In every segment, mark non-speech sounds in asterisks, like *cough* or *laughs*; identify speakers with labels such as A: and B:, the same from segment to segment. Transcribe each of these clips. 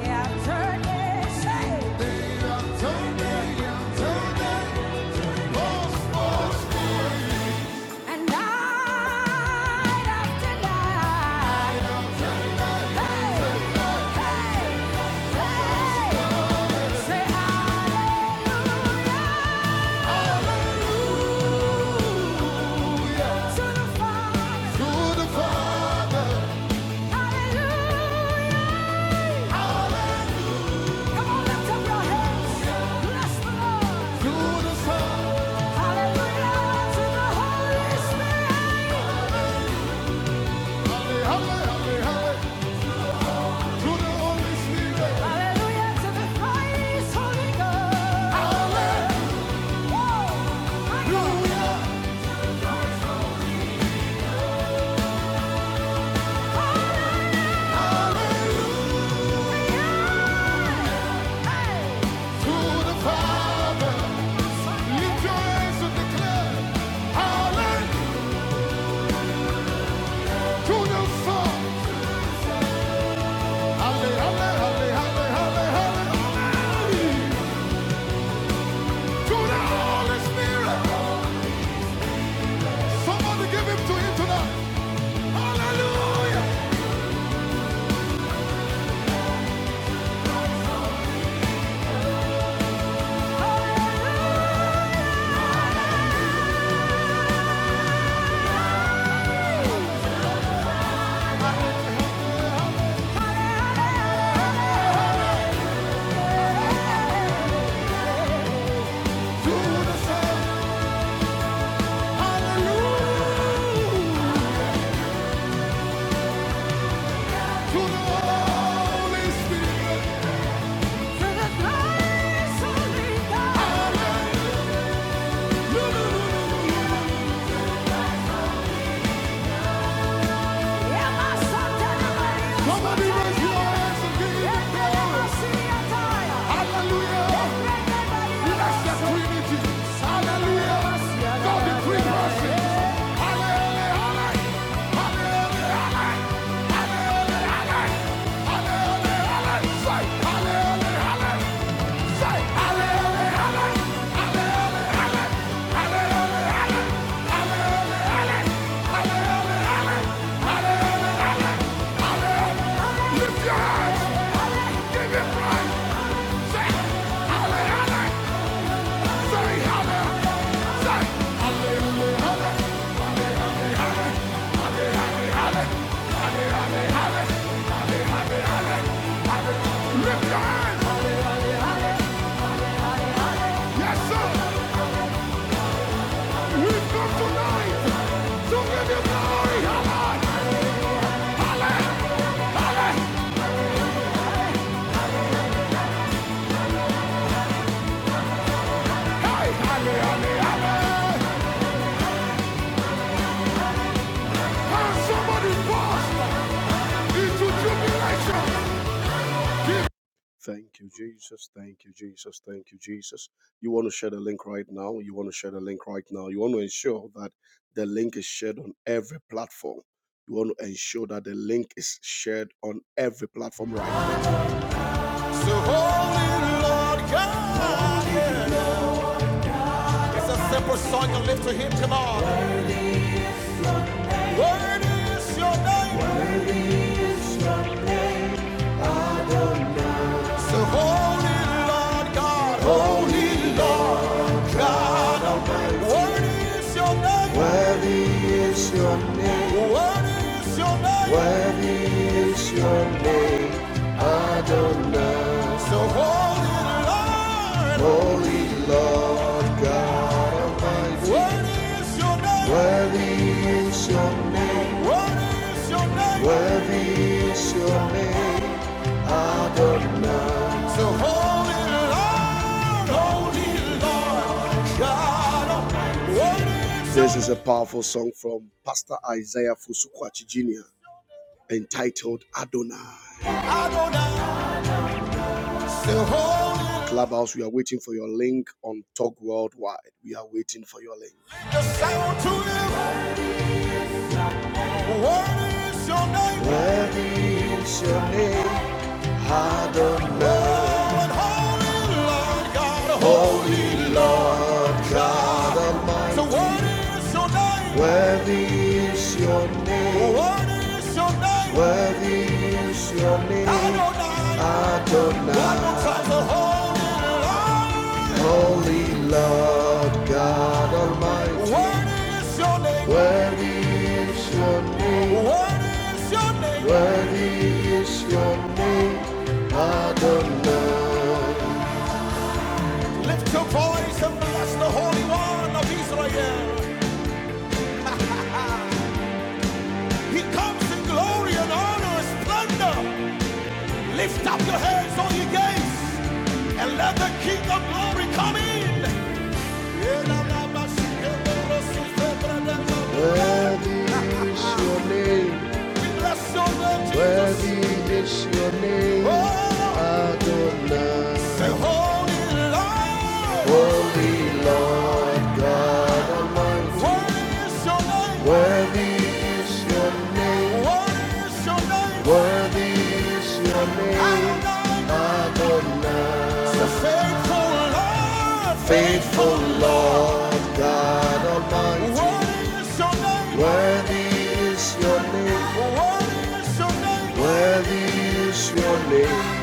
A: Hallelujah. Come on, lift up your hands. Bless the Lord. Hallelujah to the Holy Spirit. Halle, Halle, Halle, Halle, Hallelujah to the Holy Ghost. Whoa. My God. Hallelujah, Hey. to the Father. Lift your hands and declare, Hallelujah. to the far. Halle, halle, halle, halle, To the Holy Spirit. Somebody give him to him tonight. Hallelujah. To the Son. Hallelujah. To the Holy Spirit. Hallelujah. Somebody raise your hands and give him praise. Hallelujah. Bless the Trinity. Hallelujah. God the three persons. Hallelujah. Hallelujah. Say Say hallelujah. Lift your hands. Yes, sir. we come tonight to give you glory. Hallelujah. Hey, hallelujah. somebody pause? into tribulation. Thank you, Jesus. Thank you, Jesus. Thank you, Jesus. You want to share the link right now. You want to share the link right now. You want to ensure that the link is shared on every platform. You want to ensure that the link is shared on every platform right now. So, Holy Lord God, yeah. it's a simple song you lift to Him. Come on. Word is your name. So holy Lord God, holy Lord God Almighty. Worthy is your name. Worthy is your name. So holy Lord, Worthy is your name. Worthy is your name. So holy Lord, holy Lord God Almighty. Worthy is your name. This is a powerful song from Pastor Isaiah Fusukwachi Jr. entitled Adonai. Adonai. Clubhouse, we are waiting for your link on Talk Worldwide. We are waiting for your link. Worthy is your name. Hard of holy Lord God Almighty. Worthy your name. Worthy your name. Adonai. Holy Lord God Almighty, Worthy your name. Where is your name, Worthy your name. Where is your name, Adonai. Lift your voice and bless the Holy One of Israel. He comes in glory and honor and splendor. Lift up your heads, all you gates, and let the King of glory come in. Worthy is your name. We bless your name, Jesus. Worthy is your name, Oh, say, Adonai. Say, Holy Lord, Holy Lord God Almighty. worthy is your name. Worthy is your name. Worthy is your name. Worthy is your name, Adonai, say, faithful Lord, Faithful Lord God Almighty. Worthy is your name. Worthy is your name. Worthy is your name.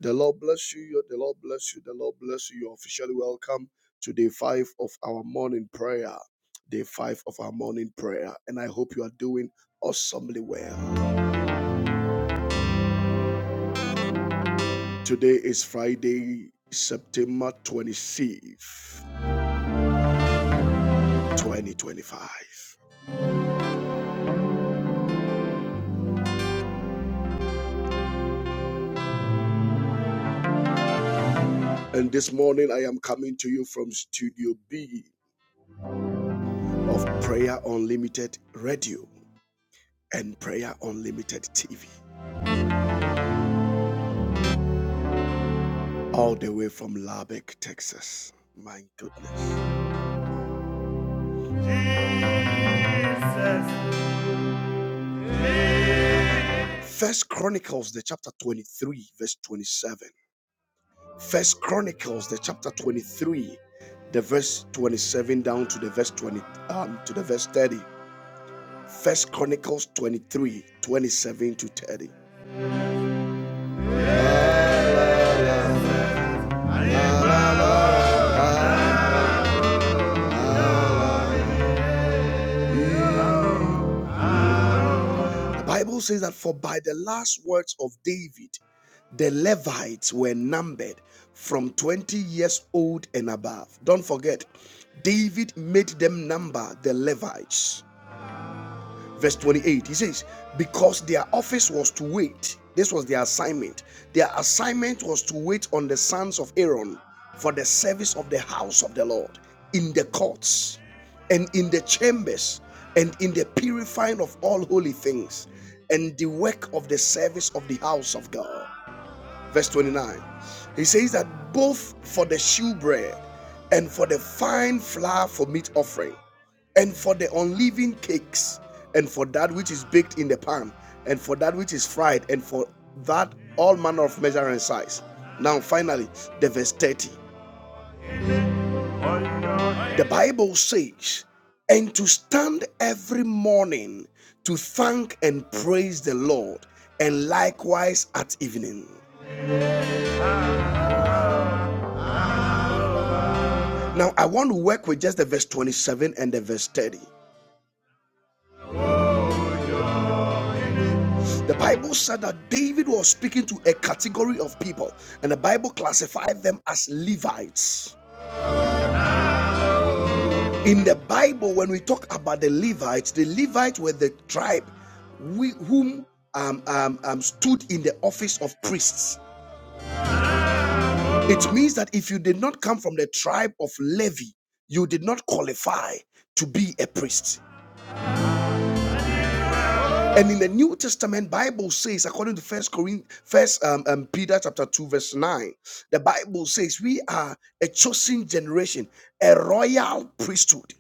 A: The Lord bless you. The Lord bless you. The Lord bless you. You're officially welcome to day five of our morning prayer. Day five of our morning prayer. And I hope you are doing awesomely well. Today is Friday, September 26th, 2025. And this morning I am coming to you from Studio B of Prayer Unlimited Radio. and Prayer Unlimited TV, all the way from Lubbock, Texas. My goodness. First Chronicles, the chapter 23, verse 27. First Chronicles, the chapter 23, the verse 27 down to the verse 20, um, to the verse 30. First Chronicles twenty-three, twenty-seven to 30. The Bible says that for by the last words of David, the Levites were numbered from 20 years old and above. Don't forget, David made them number the Levites verse 28 he says because their office was to wait this was their assignment their assignment was to wait on the sons of aaron for the service of the house of the lord in the courts and in the chambers and in the purifying of all holy things and the work of the service of the house of god verse 29. He says that both for the shewbread and for the fine flour for meat offering, and for the unleavened cakes, and for that which is baked in the pan, and for that which is fried, and for that all manner of measure and size. Now, finally, the verse 30. The Bible says, and to stand every morning to thank and praise the Lord, and likewise at evening. Now, I want to work with just the verse 27 and the verse 30. The Bible said that David was speaking to a category of people, and the Bible classified them as Levites. In the Bible, when we talk about the Levites, the Levites were the tribe we, whom um, um, um, stood in the office of priests. It means that if you did not come from the tribe of Levi, you did not qualify to be a priest. And in the New Testament, Bible says, according to First Corinthians, First um, um, Peter chapter two verse nine, the Bible says we are a chosen generation, a royal priesthood.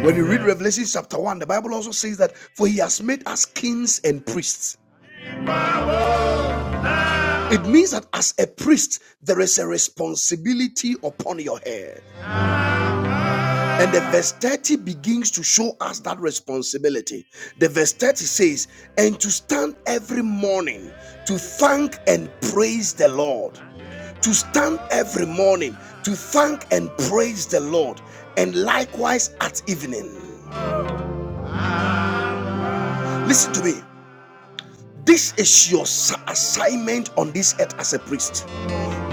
A: When you read Revelation chapter one, the Bible also says that for he has made us kings and priests. It means that as a priest, there is a responsibility upon your head. And the verse 30 begins to show us that responsibility. The verse 30 says, And to stand every morning to thank and praise the Lord. To stand every morning to thank and praise the Lord. And likewise at evening. Listen to me. This is your assignment on this earth as a priest.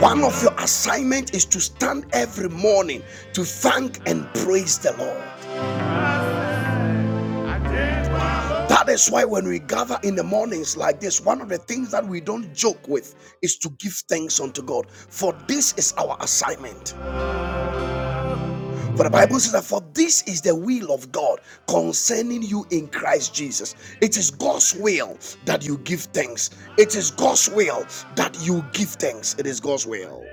A: One of your assignment is to stand every morning to thank and praise the Lord. That is why when we gather in the mornings like this, one of the things that we don't joke with is to give thanks unto God. For this is our assignment. For the Bible says that for this is the will of God concerning you in Christ Jesus. It is God's will that you give thanks. It is God's will that you give thanks. It is God's will.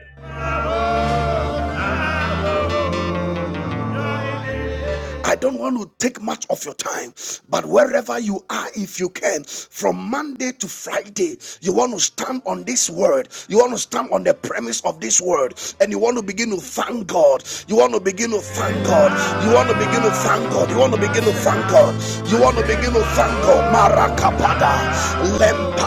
A: I don't want to take much of your time, but wherever you are, if you can, from Monday to Friday, you want to stand on this word, you want to stand on the premise of this word, and you want to begin to thank God. You want to begin to thank God. You want to begin to thank God. You want to begin to thank God. You want to begin to thank God. Marakapada, lempa.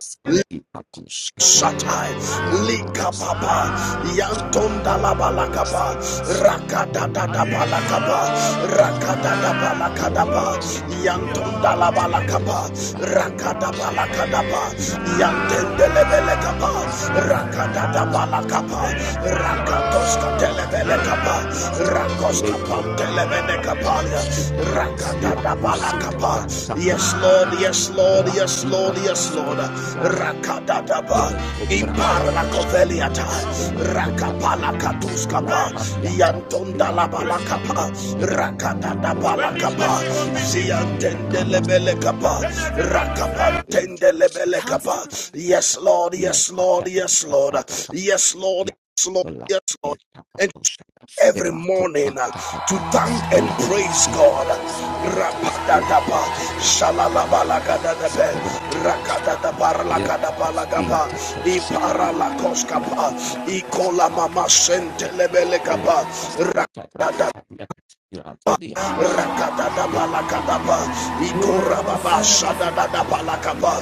B: Sati Pakus Kadiata,
A: Shatai
B: La Parasta
A: Likapapa
B: Pipa,
A: Yantonda
B: Lampa
A: Labalakapa
B: Parastayas,
A: Rakadada Balakapa Rakadada Balakadaba
B: Lepotianta
A: Yantonda
B: Pakus,
A: Labalakapa
B: La Pata
A: Rakadaba
B: Sakari,
A: Lakadaba
B: La Palianta
A: Yantende Lebelekapa
B: Pastayas, La
A: Rakadada
B: Patas,
A: Balakapa
B: La Paliacosa,
A: Rakatoska
B: La
A: Telebelekapa
B: Pabiasta,
A: Rakoska
B: Lepo Grande
A: Pantelebelekaba
B: Granta Pasutari,
A: raka.
B: La Pusita
A: Rakadadabalakapa.
B: Granta Kus
A: Yes, Lord,
B: Kadiata,
A: yes, Lord,
B: La
A: yes, Lord,
B: Pima
A: yes, Lord.
B: Casti.
A: Rakadadaba.
B: Ele copranta pos
A: Imparlakoveliata.
B: pas ela copranta ela
A: Rakapalakatuskapa.
B: capiata ela costalia
A: Yantondalabalakapa.
B: ela pati pos pas
A: Rakadadabalakapa.
B: capiata ela caras ata
A: Ziantendelebelekapa.
B: pas ela ele costa
A: Rakapantendelebelekapa. Yes, Lord,
B: le
A: yes, Lord, yes, Lord. Yes, Lord,
B: yeah.
A: yes, Lord,
B: La
A: yes, Lord.
B: dieta
A: And
B: costa de
A: every
B: la
A: morning uh,
B: copranta
A: to
B: padiata,
A: thank and
B: la
A: praise
B: cosipa
A: God.
B: costa diata, la
A: Rapadatapa,
B: cota franta para cadia,
A: shalalabalagadabe,
B: de la tapasota, la tapis
A: rakadadabaralagadapalagapa,
B: intercosa la
A: iparalakoskapa,
B: tapia catas, la
A: ikolamamasentelebelekapa,
B: hospita
A: rakadadapa.
B: la
A: Rakata Rakata Palakaba, Rakoskan Rakadadabalakadaba, Ikorababa,
B: tapia costa, la tapia Thank
A: Shadadadabalakaba,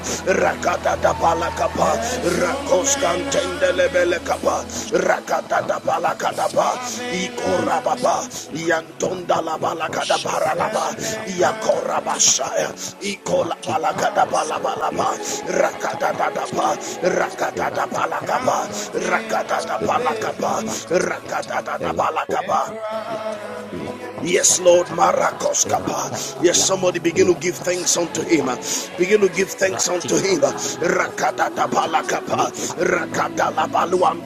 A: Rakadadabalakaba, Rakoskantendelebelekaba,
B: you.
A: Rakadadabalakadaba,
B: Lucas
A: Ikorababa,
B: Carabia, Rapia Crosacata,
A: Yantondalabalakadabaralaba,
B: La Branta
A: Rakata
B: Crosacata, Rati Paco
A: Ikolabalakadabalabalaba,
B: Sacabia, Catapaco
A: Rakadadadaba,
B: Sacabia, Rata
A: Rakadadabalakaba,
B: Aviate Crossacata, Rati
A: Rakadadabalakaba,
B: Palacasiata, Elaco
A: Rakadadabalakaba,
B: Aracabiata,
A: Yes, Lord,
B: Lecosacatabiata,
A: Marakos Kappa.
B: Rata
A: Yes,
B: Abia.
A: somebody begin to give
B: Lecos
A: thanks unto him.
B: catipa
A: Begin to
B: costabias,
A: give thanks unto
B: rati
A: him.
B: macatia
A: Rakata
B: costabias,
A: tapala kapa.
B: mi catabra
A: Rakata labaluam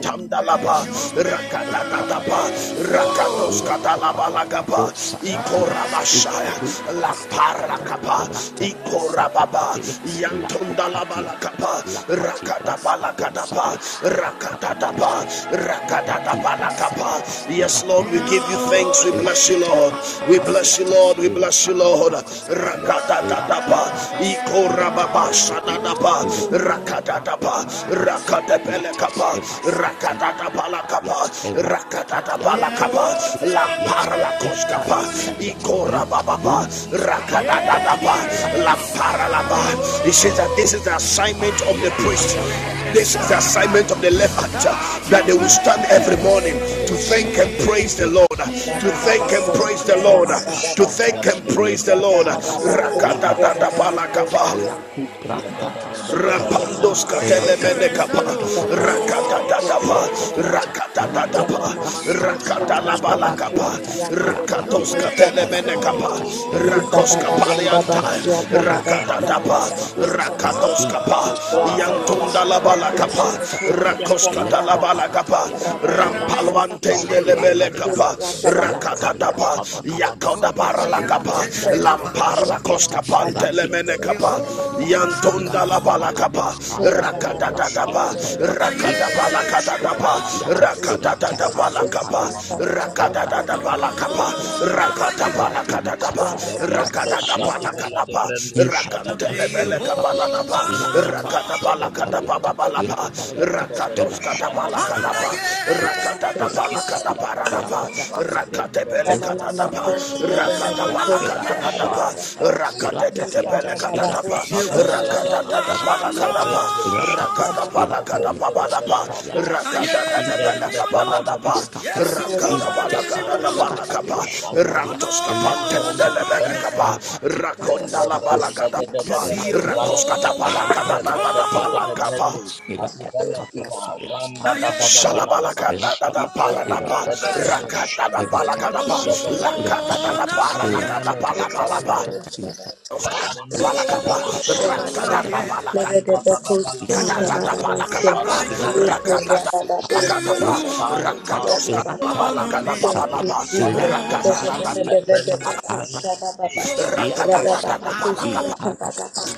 B: Ilaka
A: tamdalaba. Rakata tatapa. Rakatos katalabala kapa. Ikorabashaya. Lampara kapa. Ikorababa. Yantondalabala Rakatapa, Rakatabalakatapa, Rakatapa,
B: Rati Kasapa,
A: Rakatabalakapa. Yes,
B: Ela
A: Lord, we give
B: Babis
A: you
B: Kadia,
A: thanks. We
B: Ela
A: bless you, Lord.
B: Putara,
A: We bless
B: Akasia,
A: you, Lord. We
B: Ela
A: bless you,
B: Kati
A: Lord.
B: Pakos Kadia, Ela Ti
A: Rakatatapa,
B: Parastadia,
A: Ikorababa,
B: Teposadia,
A: Shadadapa,
B: Ele Kotebra
A: Rakatatapa,
B: Tapaka, Stadia,
A: Rakatabelekapa,
B: Ela Stativa, Kadia,
A: Rakatabalakapa,
B: Ela Katia Kato,
A: Rakatabalakapa, Baba, Lampara
B: Katus
A: La
B: Kadia,
A: Parla
B: Ekara Sadia,
A: Ikora Baba,
B: Ilkalum, Spakadia,
A: Rakadadaba,
C: Shadimelebe,
B: Ela
A: La
B: Ti Kasakadia,
A: Paralaba. He says
C: Anderson,
B: Ela
A: that this is the
B: Putara,
A: assignment of the
B: Ira
A: priest.
B: Talia
C: Amanda,
A: This
B: Kasapa,
A: is the assignment
C: Babalaba,
A: of the
B: Sada
A: Levite that they will
C: Upalaba,
A: stand
B: Lakadia
A: every morning to
C: Bendu,
A: thank and praise the Lord, to
C: Shadimelebe,
D: Thank
A: thank and praise
C: Itu
A: the Lord,
C: Branda,
A: to thank and
C: Shadimelebe,
A: praise the
C: Bendu,
A: Lord.
C: Shadabranda,
A: Rakata
C: Babalaba,
A: Rakadadaba,
C: Yabede, Bede, Belede, Bredu,
A: Rapandos
C: Shadimelebe,
A: katelemenekapa,
B: Ilaka
C: Bendu,
A: rakatatatapa, rakatatatapa,
C: Ilebrenu Shadabala
A: rakatalabalakapa,
C: Velebedebedema
A: rakatos
C: Rando Shadabelebe
A: katelemenekapa, rakos
C: Ibrando
A: kapalianta,
C: Shadabelebede
A: rakatatapa,
C: Shadabelebelebe
A: rakatos kapa,
C: Govaladabada
A: yantundalabalakapa,
C: Rendebeno
A: rakos
C: Shadibrendeta
A: katalabalakapa,
C: Lelebrenu
A: rampalwantendelebelekapa,
D: you,
C: Shadabelebedebedebedebenu
A: rakatatapa,
D: Jesus.
C: Shadabaladaba
D: Rabba Rabba
A: yakodabaralakapa,
C: Ibrando
D: Rabba
A: lampar la koska
C: Shadabelebedebedebenu
A: pantele mene kapa
B: Thank
D: Rabba
C: Shadabelebedebe
A: yantonda la bala
C: Idovalada
A: kapa rakada
C: Rendebeno
A: da da ba rakada bala
C: Shadabelebedebedebenu
A: da ba
C: Shadabaladaba
A: rakada da da bala
C: Rapanda
A: rakada da da bala rakada bala da ba rakada da
B: you.
C: Shadivella de
A: ba
C: Brendo
A: rakantele
C: Shadabella de
B: Ikatatas,
A: mene kapa da da
B: Irakatas,
A: ba
C: Enemeno
A: rakada
B: Irakatatas,
A: bala
C: Shadabella de
B: Ataliatas,
C: Brenda de Vella de
B: Irakaliatas,
C: Vedo
B: Irakatas,
C: Shadabranda
B: Irakatus,
A: da bala da
B: Irakatabia,
C: Ibrahim
A: paradapa
B: Irakatakasabiat,
A: rakate pele katata pa
B: Irakasabia,
A: rakata
B: Ikosabias,
A: pala katata
B: Irakatia,
A: pa
B: Kosabias,
A: rakate tete pele
B: Irakabiatas,
A: katata pa
B: Irakatatos,
A: rakata tata pala
B: Rakaskabia,
A: katapa
B: Ratata,
A: rakata pala
B: Irapavia,
A: katapa
B: Costa
A: pa
B: Caviata,
A: rakata tete
B: Ipatima Cascova, Iskatepa,
A: rakata pala
B: Iratepa
A: katata
B: Cosca,
A: pala
D: Rabba
A: kapa
B: Ilecomalia,
A: rantos
D: Thank
A: kapantendele
C: the
B: Ilecosadia,
A: pele kapa
C: phenomenon
B: Agatima
A: rakonda la bala
C: Rabala
B: Cascadosalia, Iracabeta,
A: rakoskata pala katata
B: Irapavia,
A: pala
B: Yakapasada, Irapalacadosalia, Apalacabia, Irapalaca,
A: Shalabalakadadadaparadapa,
B: Irapacasacabia,
A: rakadadapalakadapa,
B: Evatacabia, Irapavia, Ilacatia
A: lakadadadaparakadapalapalapa,
B: Cascata Caviata the
A: balakapa,
D: you.
C: Rabala
D: Thank you, Jesus.
C: Rabala,
D: We thank
A: rakadadapalakadadadapalakadapa,
C: Rabala,
A: rakadadapalakadapa,
C: Prenda sai racunda sagala da beno
A: rakatoskalabalakadapapalapa,
C: shadaba. Le prende beno shadabranda
B: Yes,
C: da da da
A: rakadadada-
C: bala da ba.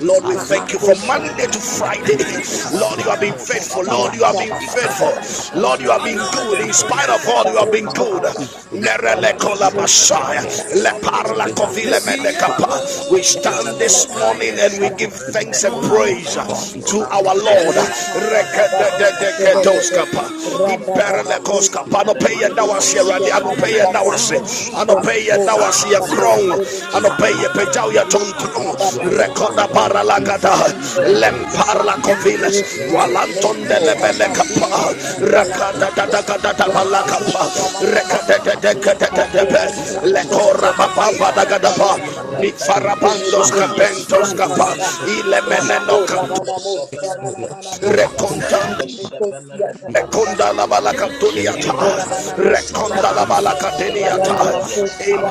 A: Lord, we thank you
C: de
A: from
C: de
A: Monday
C: beno
A: to Friday.
C: shadivele
A: *laughs* Lord,
C: kufani
A: you have been
C: meno
A: faithful.
C: shadaba.
A: Lord, you have been
C: Ibrande
A: faithful. Lord, you
C: sevele
A: have
C: de
D: you
A: been
C: bene
D: for
A: good. In
C: bene meno
A: spite
D: existing
A: of all, you have been
C: shadabala da.
D: Barossa
A: good.
C: Rakanda
B: unto me and my
C: sevene
B: family
C: meno
B: and my flesh.
C: shadibala de de.
B: Iraqi Casco
D: Baba.
A: We
B: Macadamia.
D: Thank
A: stand
D: you,
C: Radadadadadadadadada
D: Jesus. Thank
C: de
A: this
C: Brendo,
A: morning
B: It's
A: and we
B: your
A: give
C: Shadifen
B: activity.
C: de
A: thanks and
B: I thought my
C: Oladife,
A: praise
B: son. God is
A: to
B: fixed.
A: our
B: I
C: Rambedo,
B: give
A: Lord.
C: Shadivele
A: Reke
C: de
A: de de
B: Father.
C: Brende
B: I
A: de
B: thank
A: ke
C: Sai,
B: you
A: dos
B: for your
C: Ifen de
B: Father. I
C: Brendo,
B: thank you
C: Shali
B: for
A: No
C: Brende Sahi,
A: Ano
B: your
A: anɔpɛ yɛ
C: Lele
A: da
B: God.
A: wase
C: Brendo, Shakan
B: La
A: anɔpɛ yɛ
C: de
A: da
B: poti
C: Fele
A: wase
C: de
A: yɛ
B: patos kabia,
A: korɔn
C: Beneveleve,
B: la
A: anɔpɛ yɛ
C: Le
B: kaya
A: pagyaw yɛ
C: Brendo,
B: kabia. We
C: Shala
A: tontrom
B: bless your
C: Brande
B: name, O
C: Sai,
A: rekɔda
B: Lord.
A: bara
D: you,
B: We
A: lagada
B: bless your name, O
C: Ibrendo,
B: Lord.
A: lempar la
B: We bless
C: Shakivele
A: koviles
C: de
D: Spirit
B: your name, O
C: Brende,
D: Divine.
B: Lord.
A: walanton
D: Neko,
A: de
B: We
A: lebele
B: thank
C: Fenenwata,
B: you,
A: kapa
D: Rabadini,
B: Jesus. We
C: Lele
D: Nikadala,
B: thank
A: rakada
B: you,
C: Brende
A: da
D: Hosta.
A: da da
B: Jesus,
A: da
C: de
A: da
B: for the
C: Brendo,
A: bala
D: Rabaku
A: kapa
B: finished work
C: Shadivele
B: of
D: Shabanama.
B: us.
A: rekada de de
B: Kato
A: de de
D: Lika
A: de
B: patos
A: de
C: Ande
B: kabia,
D: Dibini
B: la
C: kapele de
D: Mushebe
B: pulas
D: Bebe
C: bene
B: kabia.
A: baba
B: We
A: bada
C: shai,
D: Kusia
B: thank
A: gada
B: you
A: pa
B: for the
A: ni
B: grace, O
C: irepende
B: Lord.
D: Rabba In
A: farabandos
B: We
C: safi,
B: thank you for
A: kapentos
B: this
A: kapa
B: grace,
C: aguvele
B: O
C: de
B: Lord.
A: ile
C: bene
B: We
C: shala
A: meneno
B: thank
A: kapa
B: you for
C: brande
B: this grace,
C: sevele
B: O
C: de bene.
B: Lord. La pos
C: Repende
B: katima
C: sevele de bene
A: Rekonda la
C: shambele de,
B: in the name
A: balakatuniata,
B: of
C: irapele
B: Jesus,
C: shala
A: rekonda la
B: in
C: brande de de de
A: balakateniata,
C: vele de be.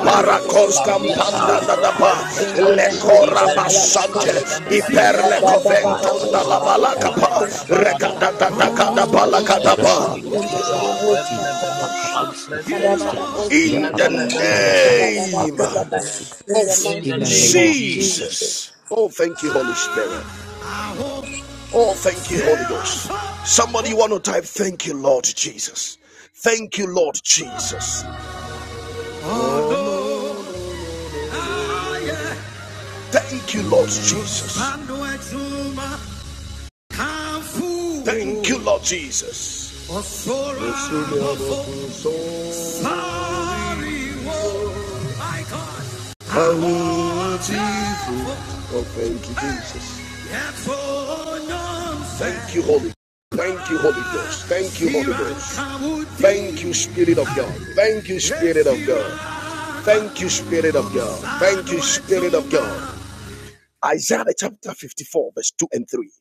C: Rendus
A: campanda
C: Kadiata
A: da da ba,
C: Rependasai
A: le cora
C: Ibrenus
A: basante,
C: Kadivenemenu
A: iper le
C: Venemenai
A: coventonda la balakapa, recada
C: Ragadagadagavaladabar
A: da da kada
C: Repandasai
A: balakadaba.
C: Ituva Rendebenu Shadrendasai
A: In the
C: Leleleveledebedu
A: name
C: Adivendenemu
D: the
A: of
C: In the
D: mighty
B: the
C: name
D: name
B: name
C: of
D: of
B: of
C: Jesus.
B: Jesus.
D: Jesus.
A: Jesus. Oh, thank you, Holy Spirit. Oh, thank you, Holy Ghost. Somebody want to type, thank you, Lord Jesus. Thank you, Lord Jesus. Thank you, Lord Jesus. Thank you, Lord Jesus. Oh, thank you, Jesus. Thank you, Holy. Thank you, Holy Ghost. Thank you, Holy Ghost. Thank you, Spirit of God. Thank you, Spirit of God. Thank you, Spirit of God. Thank you, Spirit of God. Isaiah chapter 54, verse 2 and 3.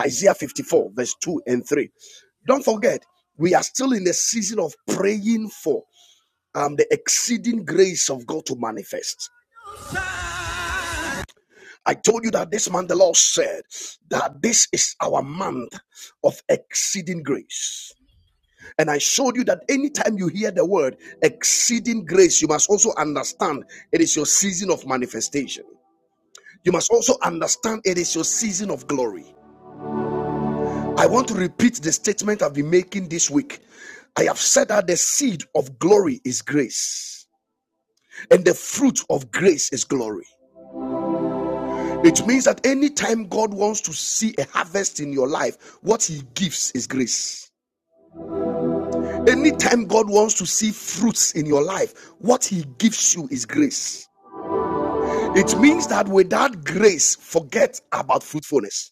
A: Isaiah 54, verse 2 and 3. Don't forget, we are still in the season of praying for um, the exceeding grace of God to manifest. I told you that this month the Lord said that this is our month of exceeding grace. And I showed you that anytime you hear the word exceeding grace, you must also understand it is your season of manifestation. You must also understand it is your season of glory. I want to repeat the statement I've been making this week. I have said that the seed of glory is grace, and the fruit of grace is glory. It means that anytime God wants to see a harvest in your life, what He gives is grace. Anytime God wants to see fruits in your life, what He gives you is grace. It means that without grace, forget about fruitfulness.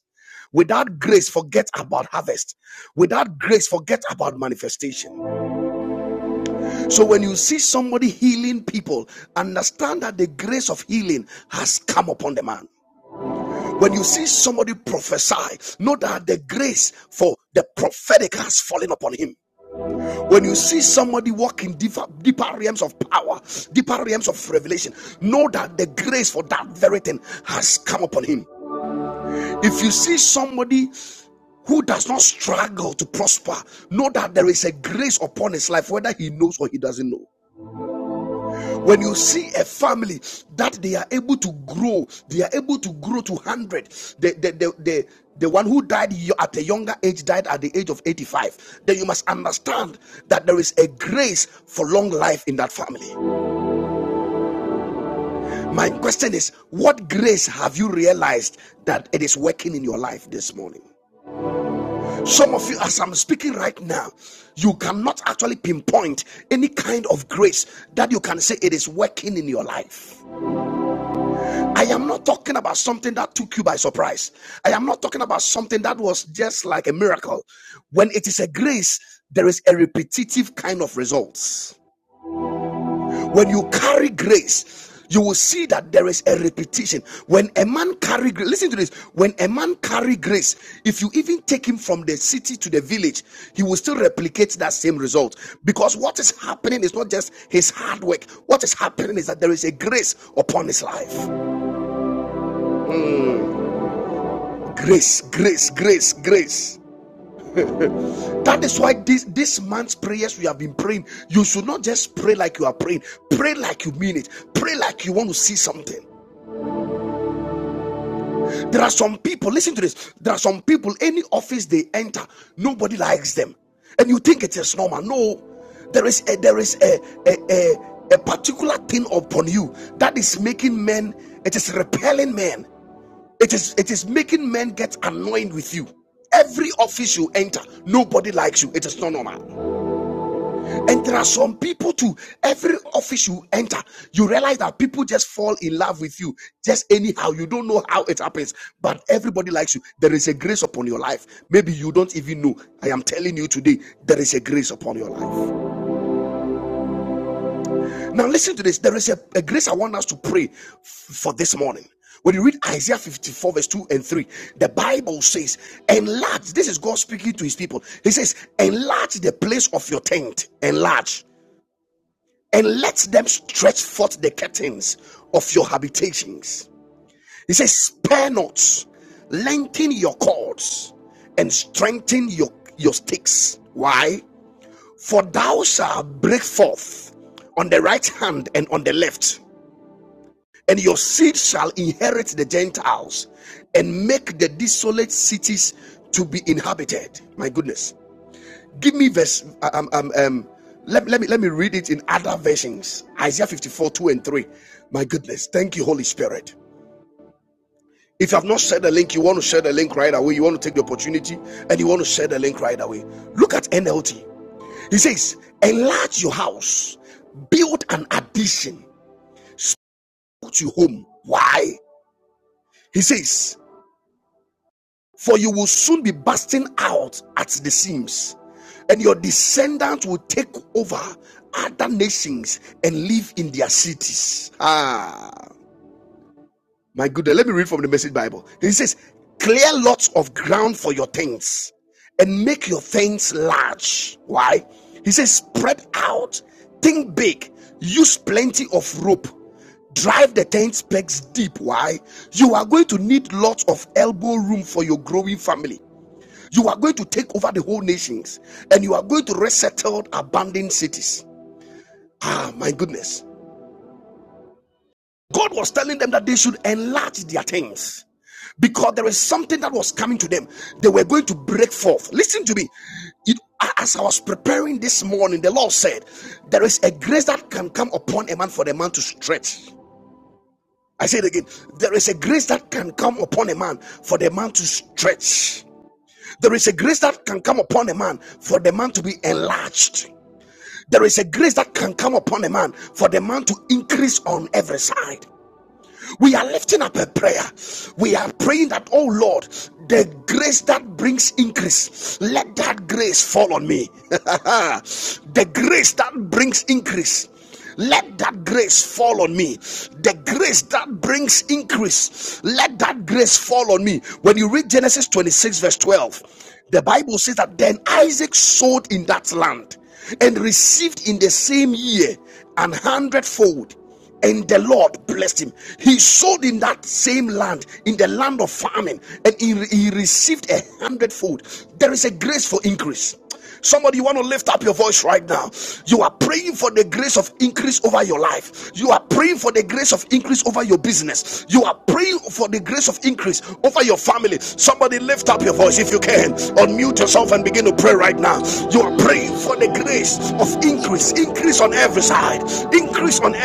A: Without grace, forget about harvest. Without grace, forget about manifestation. So when you see somebody healing people, understand that the grace of healing has come upon the man. When you see somebody prophesy, know that the grace for the prophetic has fallen upon him. When you see somebody walk in deeper, deeper realms of power, deeper realms of revelation, know that the grace for that very thing has come upon him. If you see somebody who does not struggle to prosper, know that there is a grace upon his life, whether he knows or he doesn't know. when you see a family that they are able to grow they are able to grow to 100 the the the, the the one who died at a younger age died at the age of 85 then you must understand that there is a grace for long life in that family my question is what grace have you realized that it is working in your life this morning some of you, as I'm speaking right now, you cannot actually pinpoint any kind of grace that you can say it is working in your life. I am not talking about something that took you by surprise. I am not talking about something that was just like a miracle. When it is a grace, there is a repetitive kind of results. When you carry grace, you will see that there is a repetition. When a man carry grace, listen to this. When a man carry grace, if you even take him from the city to the village, he will still replicate that same result. Because what is happening is not just his hard work. What is happening is that there is a grace upon his life. Grace, grace, grace, grace. That is why this, this month's prayers we have been praying, you should not just pray like you are praying. Pray like you mean it. Pray like you want to see something. There are some people, listen to this. There are some people, any office they enter, nobody likes them. And you think it is normal. No, there is a, there is a, a, a, a particular thing upon you that is making men, it is repelling men. It is it is making men get annoyed with you. Every office you enter, nobody likes you. It is not normal. And there are some people too. Every office you enter, you realize that people just fall in love with you. Just anyhow. You don't know how it happens. But everybody likes you. There is a grace upon your life. Maybe you don't even know. I am telling you today, there is a grace upon your life. Now, listen to this. There is a, a grace I want us to pray f- for this morning. When you read Isaiah 54, verse 2 and 3, the Bible says, Enlarge. This is God speaking to his people. He says, Enlarge the place of your tent, enlarge, and let them stretch forth the curtains of your habitations. He says, Spare not, lengthen your cords, and strengthen your, your sticks. Why? For thou shalt break forth on the right hand and on the left and your seed shall inherit the Gentiles and make the desolate cities to be inhabited. My goodness. Give me verse. uh, Um, um, um, let, let, me, let me read it in other versions Isaiah 54 2 and 3. My goodness. Thank you, Holy Spirit. If you have not shared the link, you want to share the link right away. You want to take the opportunity and you want to share the link right away. Look at NLT. He says, Enlarge your house, build an addition to your home. Why? He says, For you will soon be bursting out at the seams, and your descendants will take over other nations and live in their cities. Ah, my goodness. Let me read from the Message Bible. He says, Clear lots of ground for your tents and make your tents large. Why? He says, Spread out, think big, use plenty of rope, drive the tent pegs deep. Why? You are going to need lots of elbow room for your growing family. You are going to take over the whole nations and you are going to resettle abandoned cities. Ah, my goodness. God was telling them that they should enlarge their things because there is something that was coming to them. They were going to break forth. Listen to me. It- as I was preparing this morning, the Lord said, There is a grace that can come upon a man for the man to stretch. I say it again. There is a grace that can come upon a man for the man to stretch. There is a grace that can come upon a man for the man to be enlarged. There is a grace that can come upon a man for the man to increase on every side. We are lifting up a prayer. We are praying that, oh Lord, the grace that brings increase, let that grace fall on me. *laughs* the grace that brings increase. Let that grace fall on me. The grace that brings increase. Let that grace fall on me. When you read Genesis 26, verse 12, the Bible says that then Isaac sowed in that land and received in the same year an hundredfold. And the Lord blessed him. He sowed in that same land, in the land of famine, and he, he received a hundredfold. There is a grace for increase. Somebody, you want to lift up your voice right now. You are praying for the grace of increase over your life. You are praying for the grace of increase over your business. You are praying for the grace of increase over your family. Somebody, lift up your voice if you can. Unmute yourself and begin to pray right now. You are praying for the grace of increase, increase on every side, increase on every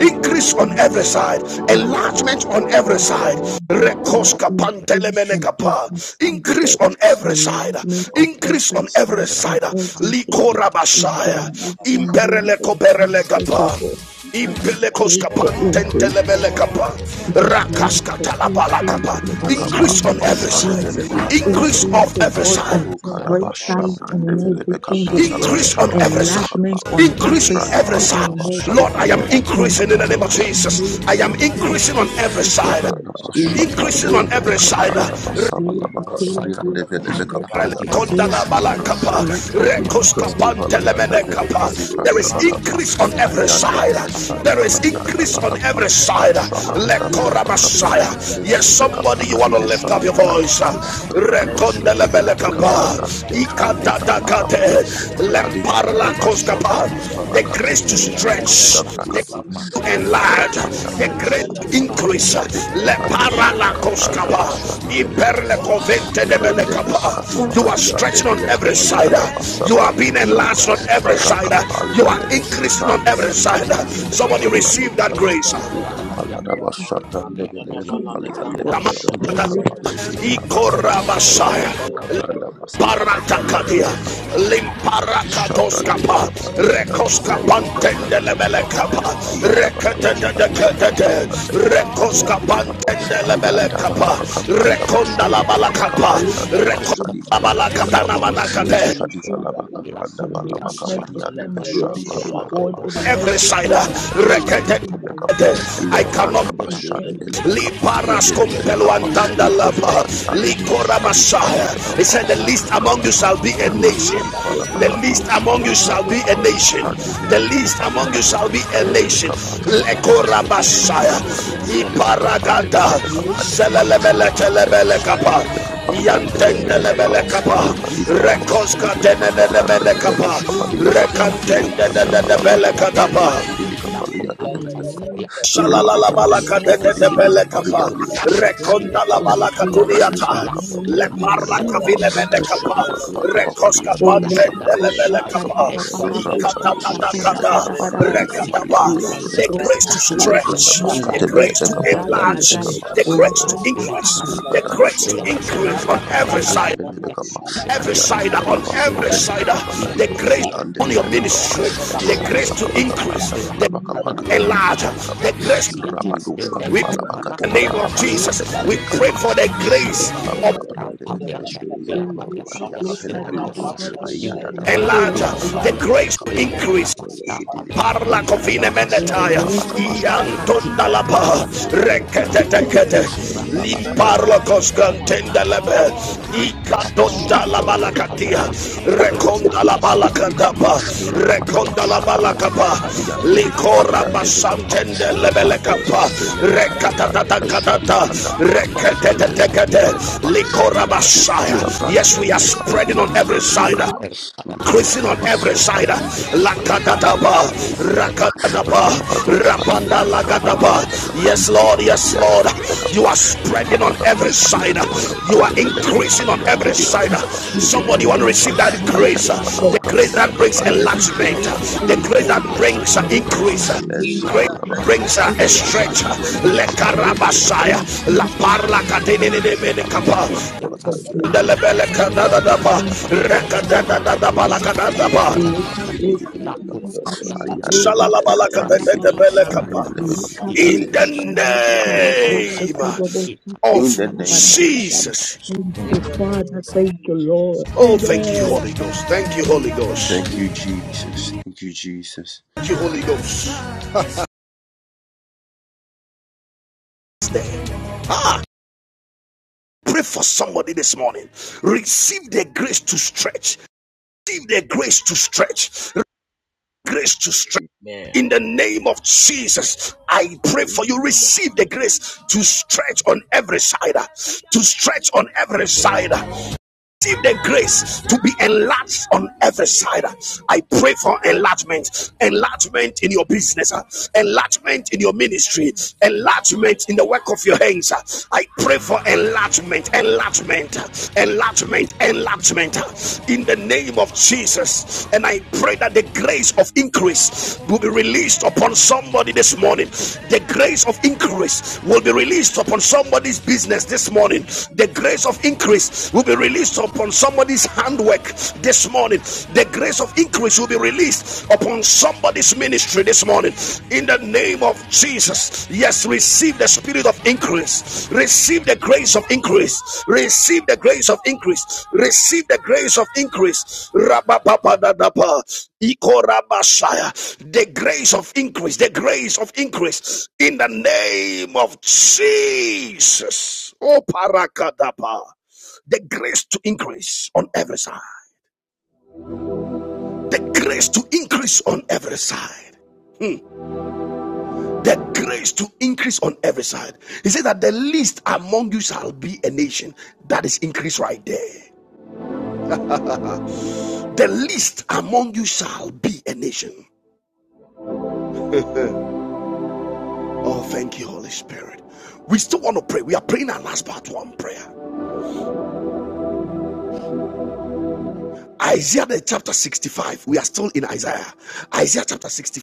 A: increase on every side, enlargement
E: Increase in
A: on every
E: faith
A: side,
E: and victory,
B: Thank
E: increase on every single
A: increase
E: word,
A: on every side,
E: enlargement of
A: increase
E: every
A: on every
E: side
A: side,
E: in
C: Renus
E: everything.
A: Likora
E: In the
A: likorabashaya,
E: mighty name of
C: Kadivenemenu,
E: Jesus,
C: Venemenai,
E: O
A: imperelekoperelegapa.
E: God, Father, I pray
A: Impelekoska
E: for
C: Shebele bele
E: increase
C: no strati
A: pantentelebelekapa.
C: bele bele.
E: the
C: Shebele
E: grace
A: Rakaska
E: for
C: bele
E: increase
A: talabalakapa.
F: Kapandele
E: in the
C: balada
A: Increase
F: Bekapala
E: name
A: on
E: of
A: every
F: Basha
G: Jesus.
A: side.
F: Devele
C: chadu
E: Jesus.
C: belagade
A: Increase
F: Bekafaliana
G: Kabada
E: Increase,
A: of
E: oh
A: every
E: God,
A: side.
C: ibrenu
E: on
F: Rukada
C: shaba
E: every
G: kada
C: baba
F: basha
E: side
G: basan
C: baba
E: and
F: brande
E: in
G: dede
E: every
F: velebe
G: dede
C: ambush
E: single
F: kapranda
C: kavane
E: God.
G: kada
A: Increase
F: basha
A: on
C: menu
F: da
G: baba
C: sha
A: every
F: balaba
A: side.
G: kada
F: kapa.
E: Enlargement on
C: ibrenu
G: basan
A: Increase
E: every
G: dede
A: on
C: shaba
A: every
E: side and
F: Radivala
C: baba
A: side.
F: da
E: in
C: de
F: basha
C: brenu
E: every
A: Lord, I am
E: God.
F: brande
C: chadu
G: yanda
F: velebe
E: In
A: increasing
E: the
A: in the
G: dede
A: name
F: kapari
C: belagade
A: of
E: mighty
F: anda
G: basan
F: basha
A: Jesus.
E: name
A: I
G: dede
E: of
A: am
C: ibrenu
F: ketelebe
G: dede
A: increasing
F: kapa.
A: on
E: Jesus
C: shaba
G: dede.
A: every
E: Christ, oh
A: side.
G: I
E: God.
F: Ikada basha
G: pray
E: Lika
G: for
F: brande
A: Increasing
C: Shepelebele.
B: you.
A: on
E: brota
F: velebe
A: every
G: increase
E: barabo
F: kapranda
G: in
B: Yes,
A: side.
G: the
F: basha
C: Fenemene.
E: azele
F: balaba
G: side
E: betele
F: kapari
G: of my
C: Ibrando
F: ande
E: brota
G: life
F: velebe
G: in
C: bebene
G: the
F: kapari
C: bala
E: barabo
G: mighty
F: adava.
C: bife.
G: name of
E: azela gada
G: Jesus.
F: Rase
C: Ibrando
F: de veli
C: shola
E: rakata da
F: vala
E: da
C: brando
G: Because
E: da
F: kasu
G: we
E: da
C: stai.
F: vala
G: did not
E: brota
F: yanda
G: go
E: da
C: Ile
F: vele
G: for
E: da da da da da da da da da da da da da da
F: kazi
C: brando
G: Sunday,
A: There
F: branda
G: dede
A: is
C: shadi
G: dede
F: bakapa.
C: bele
A: increase
C: de
A: on
G: dede
C: bele
A: every
C: de
G: kada
C: be.
F: Ayande
A: side.
F: vele shadi
A: There
F: vala
A: is
E: da
G: basan
F: branda
A: increase on
G: dede
F: bakapa.
A: every
E: da da
G: baba.
A: side.
E: da
F: Eshala da
G: And
F: da
E: I
G: do
E: receive
F: vala
A: Lekora
C: Arrebrando,
F: bakapari
A: Messiah.
F: yande
C: Akibele
A: Yes,
C: de
F: velebe
G: something
C: Brando,
A: somebody, you
F: kapara
A: want
F: di
A: to
F: be
A: lift up
F: shadi
A: your
F: vala
C: Shadabalababa,
A: voice.
F: kapa.
C: Ite Brando,
F: Randoske
G: Jesus,
F: tevele
G: and Papa
F: beka Tevelebeka
C: Akibele
A: Rekondelebelekapa,
C: de
F: Frandaske
G: Sango,
F: Tai
G: Papa,
F: Livrana
C: Brandabababa,
G: Papa,
F: Kapa
A: ikadadakate,
G: Papa,
C: Ite de
G: Titi,
C: Bebele
F: Radivala da
C: de
A: lemparla
B: Thank
G: Papa,
C: Bedu,
F: Dabasha
A: koskapa.
F: Branda
C: Shakibele
A: The
C: de
F: Valakati
A: grace to
C: do akidela de
F: Valianda
C: Le
A: stretch
C: Brando,
F: Veshabrakapa
C: Shakibele de
A: enlarge
C: Brando,
G: Papa,
F: Rakapalia
C: de de
A: the
C: de
A: great
F: Dabasha
C: Bele
E: the
C: de Ba,
A: increase
E: dreams of
C: Ite
F: Eleveli
A: le
F: and
E: angels of
A: para la
F: Velebeka
C: Shayura,
E: that
F: Branda
A: coscapa
C: Unde
F: Basha di vele
E: is
A: iperle
C: Sebele,
F: beka.
E: there to
A: covente de
E: fulfill
F: Randeves
C: Bendosa,
A: menecapa you
E: every
A: are
F: Kativaladi and
A: stretching
C: Brendosa,
E: course
A: on
F: Devile
A: every
E: that
C: Belebebe,
F: Cavalia
A: side
F: da Bassa
A: you are being
C: Bandosa,
F: Brandevicapa
A: enlarged on
E: the
A: every
C: Belebebe,
A: side
E: Lord is
F: Rakapali
G: Sunday,
A: you
F: and
A: are
E: in
C: Belebebe,
F: Deves
A: increasing
E: the
A: on every
F: Brandeves
E: name
C: Lekan,
E: of
A: side
C: da
G: Thank
F: Kativile
C: da da da
A: somebody
C: da,
F: Becapari and
A: receive that
C: Kusa, de
F: Devicapa
A: grace
C: Belebebe,
F: Icapala da
C: Rakan,
F: Bassa
C: da da da da,
B: you
F: Brandevile
C: Vala,
E: Jesus,
C: de
F: Capali and
B: la
F: Deves
C: Brandosa, de
B: usa di
F: Shabalabacapa
C: Belebebe,
B: attesti la tessera
F: Rabada
B: la
C: Brendo, da
F: Basseke
B: costa
C: da da,
F: Devile
B: aria
C: Belebebe,
F: Becapranda
C: Busa,
F: Bassica
C: de
F: Navali and
B: la
A: Paracatatia,
C: Belebebe,
B: aria
F: Devicapa
B: tessera
C: Inka, da da
B: la tessera
C: da,
B: la
F: Shabrande
A: Limparacatoscapa,
F: beka pali
B: pratica di
F: yanda
B: stila
C: Ile,
F: basike
C: de
F: bili
B: la
C: de
F: yanda
A: Recoscapantende
C: de,
F: bala
C: Vala,
F: baka
C: de
F: pa
A: Lebelecapa,
C: Brandosa,
F: ayanda
C: de
F: bala
C: Belebebe,
F: bashadi
C: Vele,
F: vale
C: Ila,
F: beka
A: Recatete,
F: pande beka
C: da,
F: pali yandi
C: Brendo,
F: beka pa
A: Recoscapantende
C: Brandosa,
F: ayanda vala
A: Lebelecapa,
F: baka
E: and
F: branda
E: I
A: Reconda la
F: bashadi vele
E: see the
F: beka
A: Balacapa,
C: Brendo,
F: pali
E: grace
F: yanda
E: of
C: da,
A: Reconda
F: bashadi vala
E: increase,
F: kadi
G: you.
F: yaka
A: Balacatana
F: pa
E: increase,
G: Thank
C: Thank
A: Manacate,
E: increase,
F: eshadi vala baka
E: increase.
F: branda
E: In the
F: bala baka
E: movement
F: pari
E: of all
F: yanda
E: my
F: beshadi
E: life,
F: vala
E: oh
F: baka
E: God,
F: pa
E: and in
A: every side,
F: eshadi
E: everything I
F: vele beka
E: do,
F: pali
A: Recatete.
F: yanda
E: in the
F: beka pa
E: name of
A: I cannot
F: levranda
E: Jesus, in
F: bashade vele
E: every
F: beka
A: Li
F: pari
E: oh
A: paras
F: yanda vele
E: God,
F: beka
A: compelo
E: let
F: pa
E: let
A: antanda
F: eko
E: let-
A: laba.
F: faladi
E: let-
F: yanda
A: Li
F: vele
A: kora
C: you.
F: shadi brande
A: masaya.
F: beka
A: He
F: pa
A: said, The
E: let-
A: least
G: you.
A: among you
E: let- let-
F: Rakapali
A: shall be
B: Thank
A: a
E: the
A: nation.
E: grace
F: Anabashali
E: for
A: The
F: Valabakapa
A: least
E: increase
A: among
E: in
A: you shall
E: every
A: be a
E: side
F: Rabadabasha
A: nation.
E: in the
A: The
F: Brandevele
E: name of
A: least
F: Bekofali
A: among you
E: Jesus.
A: shall be
F: Aniveshka
A: a
F: Devele
E: Oh,
A: nation.
F: Kava Raske
E: there's
F: Devele
A: Lekorabasaya.
E: nobody of
F: Bekapan
E: God
F: Devele
E: in the
F: Bekapan
E: school
F: Devele
E: that
A: Iparagata.
E: is raised in
F: Bekapalianka
E: the name of
A: Zelelemelekelemelekapa.
E: Jesus
F: Radebeshka
E: of our
A: kapa,
F: Bekapalian
G: Thank
F: Devele
E: and
A: Yantendelebele
F: Bekapa
E: Jesus
A: kapa.
E: of Jesus
F: Radivala Masha
A: Rekoska
E: advocate.
F: Devele Bekabran
A: denenenebele
E: Receive
F: Devele
E: the
A: kapa,
E: grace of
F: Beshabadiakapa
E: increase,
A: rekantende denenenemelekapa.
F: Ayanda
E: increase
F: Valabaka
E: in
F: Devele
A: Rekantendenenebelekadapa.
C: Thank
F: Bekapan
E: everything,
C: you.
F: Divikapalia
E: increase
F: Devele
C: Lelele
E: in
F: Bekapa
E: knowledge,
B: you.
C: brenda kona
E: reach
C: lele
E: and
A: Shalalalabalaka
F: Rabadabasuki
C: shada
A: de
E: love,
A: de de
E: and
F: Devele
C: brenda to.
B: Ipanasiko
F: Bekapalia
A: belekapa.
E: community
F: Devele
C: Le
B: pakados,
E: for
F: Bekapa
B: yas,
C: brenda
E: God,
A: Rekonda
C: bedu
A: la
F: Rabele
B: ilakos,
E: and
C: wafki
A: balaka
C: vele de.
F: Bekapali
E: wisdom,
B: yates,
F: Devele
E: and
A: tuniata.
C: Ita
F: Bekapalia
A: Le
E: knowledge,
B: ilakotata,
C: brenda
F: Devele
E: and
A: parla
C: shada
F: Bekapa
A: kavile
C: brenda
B: ilakosame,
C: de
E: understanding,
C: de
A: menekapa.
F: Shadi
C: vele de de.
F: Valabaka
B: ilakapyatata,
F: Babali
A: Rekoska
C: Ita
F: and
E: Oh,
F: the
E: little
C: brenda
A: pantende
F: Shapran
C: de
A: le
F: de
E: Costa
C: shai.
B: ilakadapyatas,
E: Paddy
F: Velebekapa,
A: belekapa.
E: Papa
C: Le
E: La
C: brenda
F: Rabada
E: Busca
A: Ikata
C: bedu
A: tata
F: Basadi
E: Fata
B: ilakotyatas,
C: shadi
E: Dapa
A: kata.
E: Dapa
F: Velebekapa,
C: brenda
E: Dapa
C: de
F: Radibika
E: Dapa.
C: de de.
B: ilakasiko
A: Rekataba.
F: Parian de
E: Little
C: Le
A: The
B: pagosike
F: Velebekapa,
A: grace
E: Costa
C: brenda
A: to
E: Dele
C: shada
E: de
B: pakadosa,
F: Lebranda
A: stretch.
C: brenda
E: Via
C: ta.
A: The
F: Bascate
A: grace
E: Tabusa
A: to
F: Velebeka
C: Le
E: Dali
B: ilakopatatas,
F: Parian de
C: brenda
E: Gadari.
A: enlarge.
F: Becapa.
A: The
C: shefena
A: grace to
B: ilakatatas,
C: meno
E: Rakan Fata
C: shadi
A: increase.
C: vele
A: The
C: de
F: Rabada
E: Dapa
C: de.
E: La
B: ilakasyatas,
A: grace to
F: Bashapra
E: Busca
A: increase
E: Fata
C: Iraba
A: on
F: Levelebe
C: da
B: ilakasepayata,
A: every
F: Kapari
C: vala
E: Dele
F: and
C: da
E: de
A: side.
C: brenda
F: Levelebe Kapa
B: ilakapyatas,
C: shada
G: you.
A: Every
F: Ayandi
A: side.
C: brenda.
A: On
G: Baba,
B: ilakapyatas,
E: Via
F: Valavasco
A: every
C: Le
A: side.
B: ilakapyatas,
E: Tabusa
F: Felecati
C: brenda
F: Valadi
C: bedu
A: The
G: Baba,
A: grace
F: Valadi
C: shadi
B: ilakapyatas,
F: and
A: on your
C: vele de.
F: Develebe
A: ministry.
B: ilakadosa,
A: The
F: Eshadi
A: grace to
F: Valabaka
B: ilakapyatas,
A: increase.
F: Branda
E: Dali
A: The
F: Valabaka Pali
B: ilakapyatas,
F: and
E: Gadari.
A: enlarge.
F: Levelebe
B: Arasha
A: The
F: Kapa
E: In
A: grace
E: the name
B: Kosiata,
E: of
F: Rabados
A: we pray
B: Eleko
F: Kativala
A: in the name
B: Paracabia,
A: of
B: La
F: Basha
A: Jesus.
E: Jesus,
A: We
F: Develebe
A: pray
F: Kapa
B: Cabusabia,
A: for the
F: Eshadi
A: grace
B: Lekota
A: of
F: Valabaka Brande Velebe
B: Pabiata,
F: Shadi
B: La
F: Valabaka
B: Maria Cabia,
F: Paliaka Pelebe
B: La
F: Kapa
B: Cosabia,
C: Rapanda say,
F: Ayata
B: Unepa,
A: enlarge,
F: Valabaka
B: La
C: Rapunda
A: the
F: Palabaka
C: say,
B: Cabiata,
F: Pelebe
A: grace to
B: La
F: Kapalia
A: increase
B: Pagata,
C: Imanamo
B: La
F: Ukitili
C: Shadi,
F: Bika
B: Pagata,
A: Parla
F: Palia
B: La
A: cofine
F: Daba
B: Cabia
A: menetaia,
F: Rabada
B: Pacosa,
F: Basha
B: La
F: Develebe
A: iantunda
B: Tiba
C: Rapanda
A: la ba
F: Kapaladia
B: Yata, La
A: rekete
F: Deve
B: Cabia,
A: kete,
B: Ara, La
A: limparla
F: Rabadabakapele
G: Baba,
B: Pagata,
F: and
B: La
A: coscantenda la
B: Costa,
F: Debekafadi
A: be,
F: and
B: La
F: Debekapa,
A: icadonda
B: Pagata,
A: la
F: Shadivele
B: La Cabia,
F: Bekafalia
A: balacatia,
G: Sunday,
B: La
F: Debekapalia.
B: Cabia,
G: Baba,
B: La
A: reconda
G: Baba,
A: la
B: Cabia,
G: Thank
F: Debekapa,
A: balacadapa,
G: you.
A: reconda la balacapa,
F: Rabadabashadabadabakapalia and
A: licora
F: Debekapalia and Devekapa,
A: basantende
F: Rapo
A: lebelecapa,
F: Fasele Vekatifra,
A: recatatata catata,
F: Debeshadifranda Bakafali and
A: rekete kete,
F: Deskatevekapa,
A: licora basaya.
F: Radibashabrande
A: Yes, we are spreading
F: Vilikapalia
A: on
F: and
A: every side.
F: Debekapa,
A: Increasing on every
F: Rabadabaso
A: side.
F: Kavren
A: Lakadadaba,
F: Deveshkatevekapa and Devikapa,
C: let
A: rakadadaba, rapanda
F: Rabadushkativelebekapa and
A: lagadaba.
B: Yes,
F: Debekapa and
A: Yes, Lord,
B: la
A: yes, Lord.
F: Debekapalia
B: cosa
A: You are
B: la
A: spreading on every
F: Ayanda
B: y
A: side.
B: la la la
A: You are increasing on
B: la
A: every side.
E: in the
A: Somebody
B: is
A: want to
B: it
E: name
A: receive
E: of
A: that
B: possible
A: grace.
B: to laugh
E: Jesus,
A: The
B: about
A: grace that brings
E: I
B: The.
E: see
B: study?
A: enlargement.
E: great,
B: Laugh
A: The
E: great,
G: Neighbor,
A: grace
B: about
E: great,
A: that
B: the
G: bala
B: next
A: brings
E: great
G: kaba call
B: level
G: us
E: and
A: increase.
G: and
B: study.
G: every
B: Laugh
E: great
A: Grace
G: time.
A: that
B: about
E: things
B: the
E: of
A: brings uh,
E: great
A: a
B: study.
E: of
B: Laugh
G: Neighbor,
E: the
B: about
A: stretch.
G: when
B: the
G: you bala
E: Lord,
A: Le
B: cost.
G: us
E: great
G: and
B: Laugh about
A: carabasaya,
B: the
E: great
G: every
A: la
B: cost of
E: things
A: parla
E: in the
G: day.
B: the
A: catene
E: name
A: de
E: of
B: Ya
G: Neighbor,
A: menikapa.
E: Jesus, the
G: Baba,
B: yakasuka
E: great
G: Baba,
E: things
G: la,
B: bicha
E: of
G: Baba,
B: leko
G: Sunday,
E: movement
B: grata
E: in the
G: Baba, Baba,
B: kaposalia
E: name
G: la.
E: of
C: Thank you.
E: Jesus.
B: leka
G: Neighbor,
B: grata
G: baby,
E: Leka
B: kabiata
C: Republic
E: proska
C: Color
G: baby,
B: lako
C: Government
E: tada
G: Baba, bala
C: is
E: papa la
B: skaviata
E: proska
C: calibrating the
B: laka
G: Baba,
C: self.
G: la.
E: satada
B: kaprasalia
C: If
E: papa pam.
C: suddenly
B: laka
G: Neighbor,
C: it's
E: Leka
G: baby,
B: baksia
A: In
C: satisfying
G: day
A: the
E: proska
G: and
C: the
B: kaposala
C: time,
E: tada
G: daddy,
E: papa
C: In
E: la
G: Baba,
C: your
B: grata
C: life,
E: proska
C: in
A: name
C: the
B: kabiata
C: name of
B: leka
F: in
A: of
F: the
B: skavia
F: name
E: tada
F: of
E: papa pam.
A: Jesus.
B: kaposala
F: Jesus.
E: Thank
B: in the
C: in
E: you,
C: the
B: name of
E: Father.
C: name
B: Jesus
C: of
E: Thank you, Lord.
C: Jesus.
A: Oh,
C: In the
A: thank you,
C: name
E: Amen.
C: of
A: Holy
C: Jesus.
A: Ghost. Thank you, Holy Ghost.
F: Thank you, Jesus. Thank you, Jesus.
A: Thank you, Holy Ghost. Stay. Ah, pray for somebody this morning. Receive the grace to stretch. Receive the grace to stretch. Grace to stretch
C: Amen.
A: In the name of Jesus, I pray
C: In
A: for
C: the
A: you.
C: name of
A: Receive the
C: Jesus.
A: grace to stretch on every side, to stretch on every side receive the grace to be enlarged on every side. I pray for enlargement, enlargement in your business, uh, enlargement in your ministry, enlargement in the work of your hands. uh. I pray for enlargement, enlargement, uh, enlargement, enlargement uh, in the name of Jesus. And I pray that the grace of increase will be released upon somebody this morning. The grace of increase will be released upon somebody's business this morning. The grace of increase will be will be released upon somebody's handwork this morning. The grace of increase will be released upon somebody's ministry this morning. In the name of Jesus, yes, receive the spirit of increase, receive the grace of increase, receive the grace of increase, receive the grace of increase. Rabapapadadapa. Ikorabashaya. The grace of increase, the grace of increase in the name of Jesus. Oh, parakadapa the grace to increase on every side, the grace to increase on every side. Hmm. The grace to increase on every side. He said that the least among you shall be a nation. That is increase right there. The least among you shall be a nation. Oh, thank you, Holy Spirit. We still want to pray. We are praying our last part one prayer. Isaiah the chapter 65. We are still in Isaiah. Isaiah chapter 65,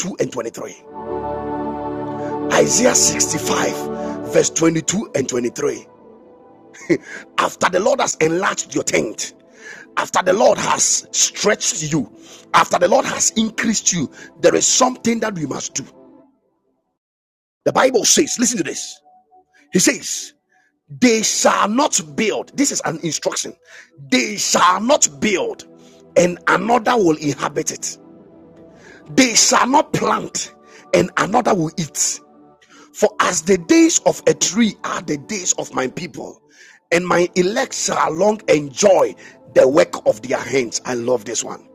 A: twenty-two and 23. Isaiah 65, verse 22 and 23. After the Lord has enlarged your tent, after the Lord has stretched you, after the Lord has increased you, there is something that we must do. The Bible says, listen to this. He says, They shall not build. This is an instruction. They shall not build, and another will inhabit it. They shall not plant, and another will eat. For as the days of a tree are the days of my people, and my elect shall long enjoy the work of their hands. I love this one.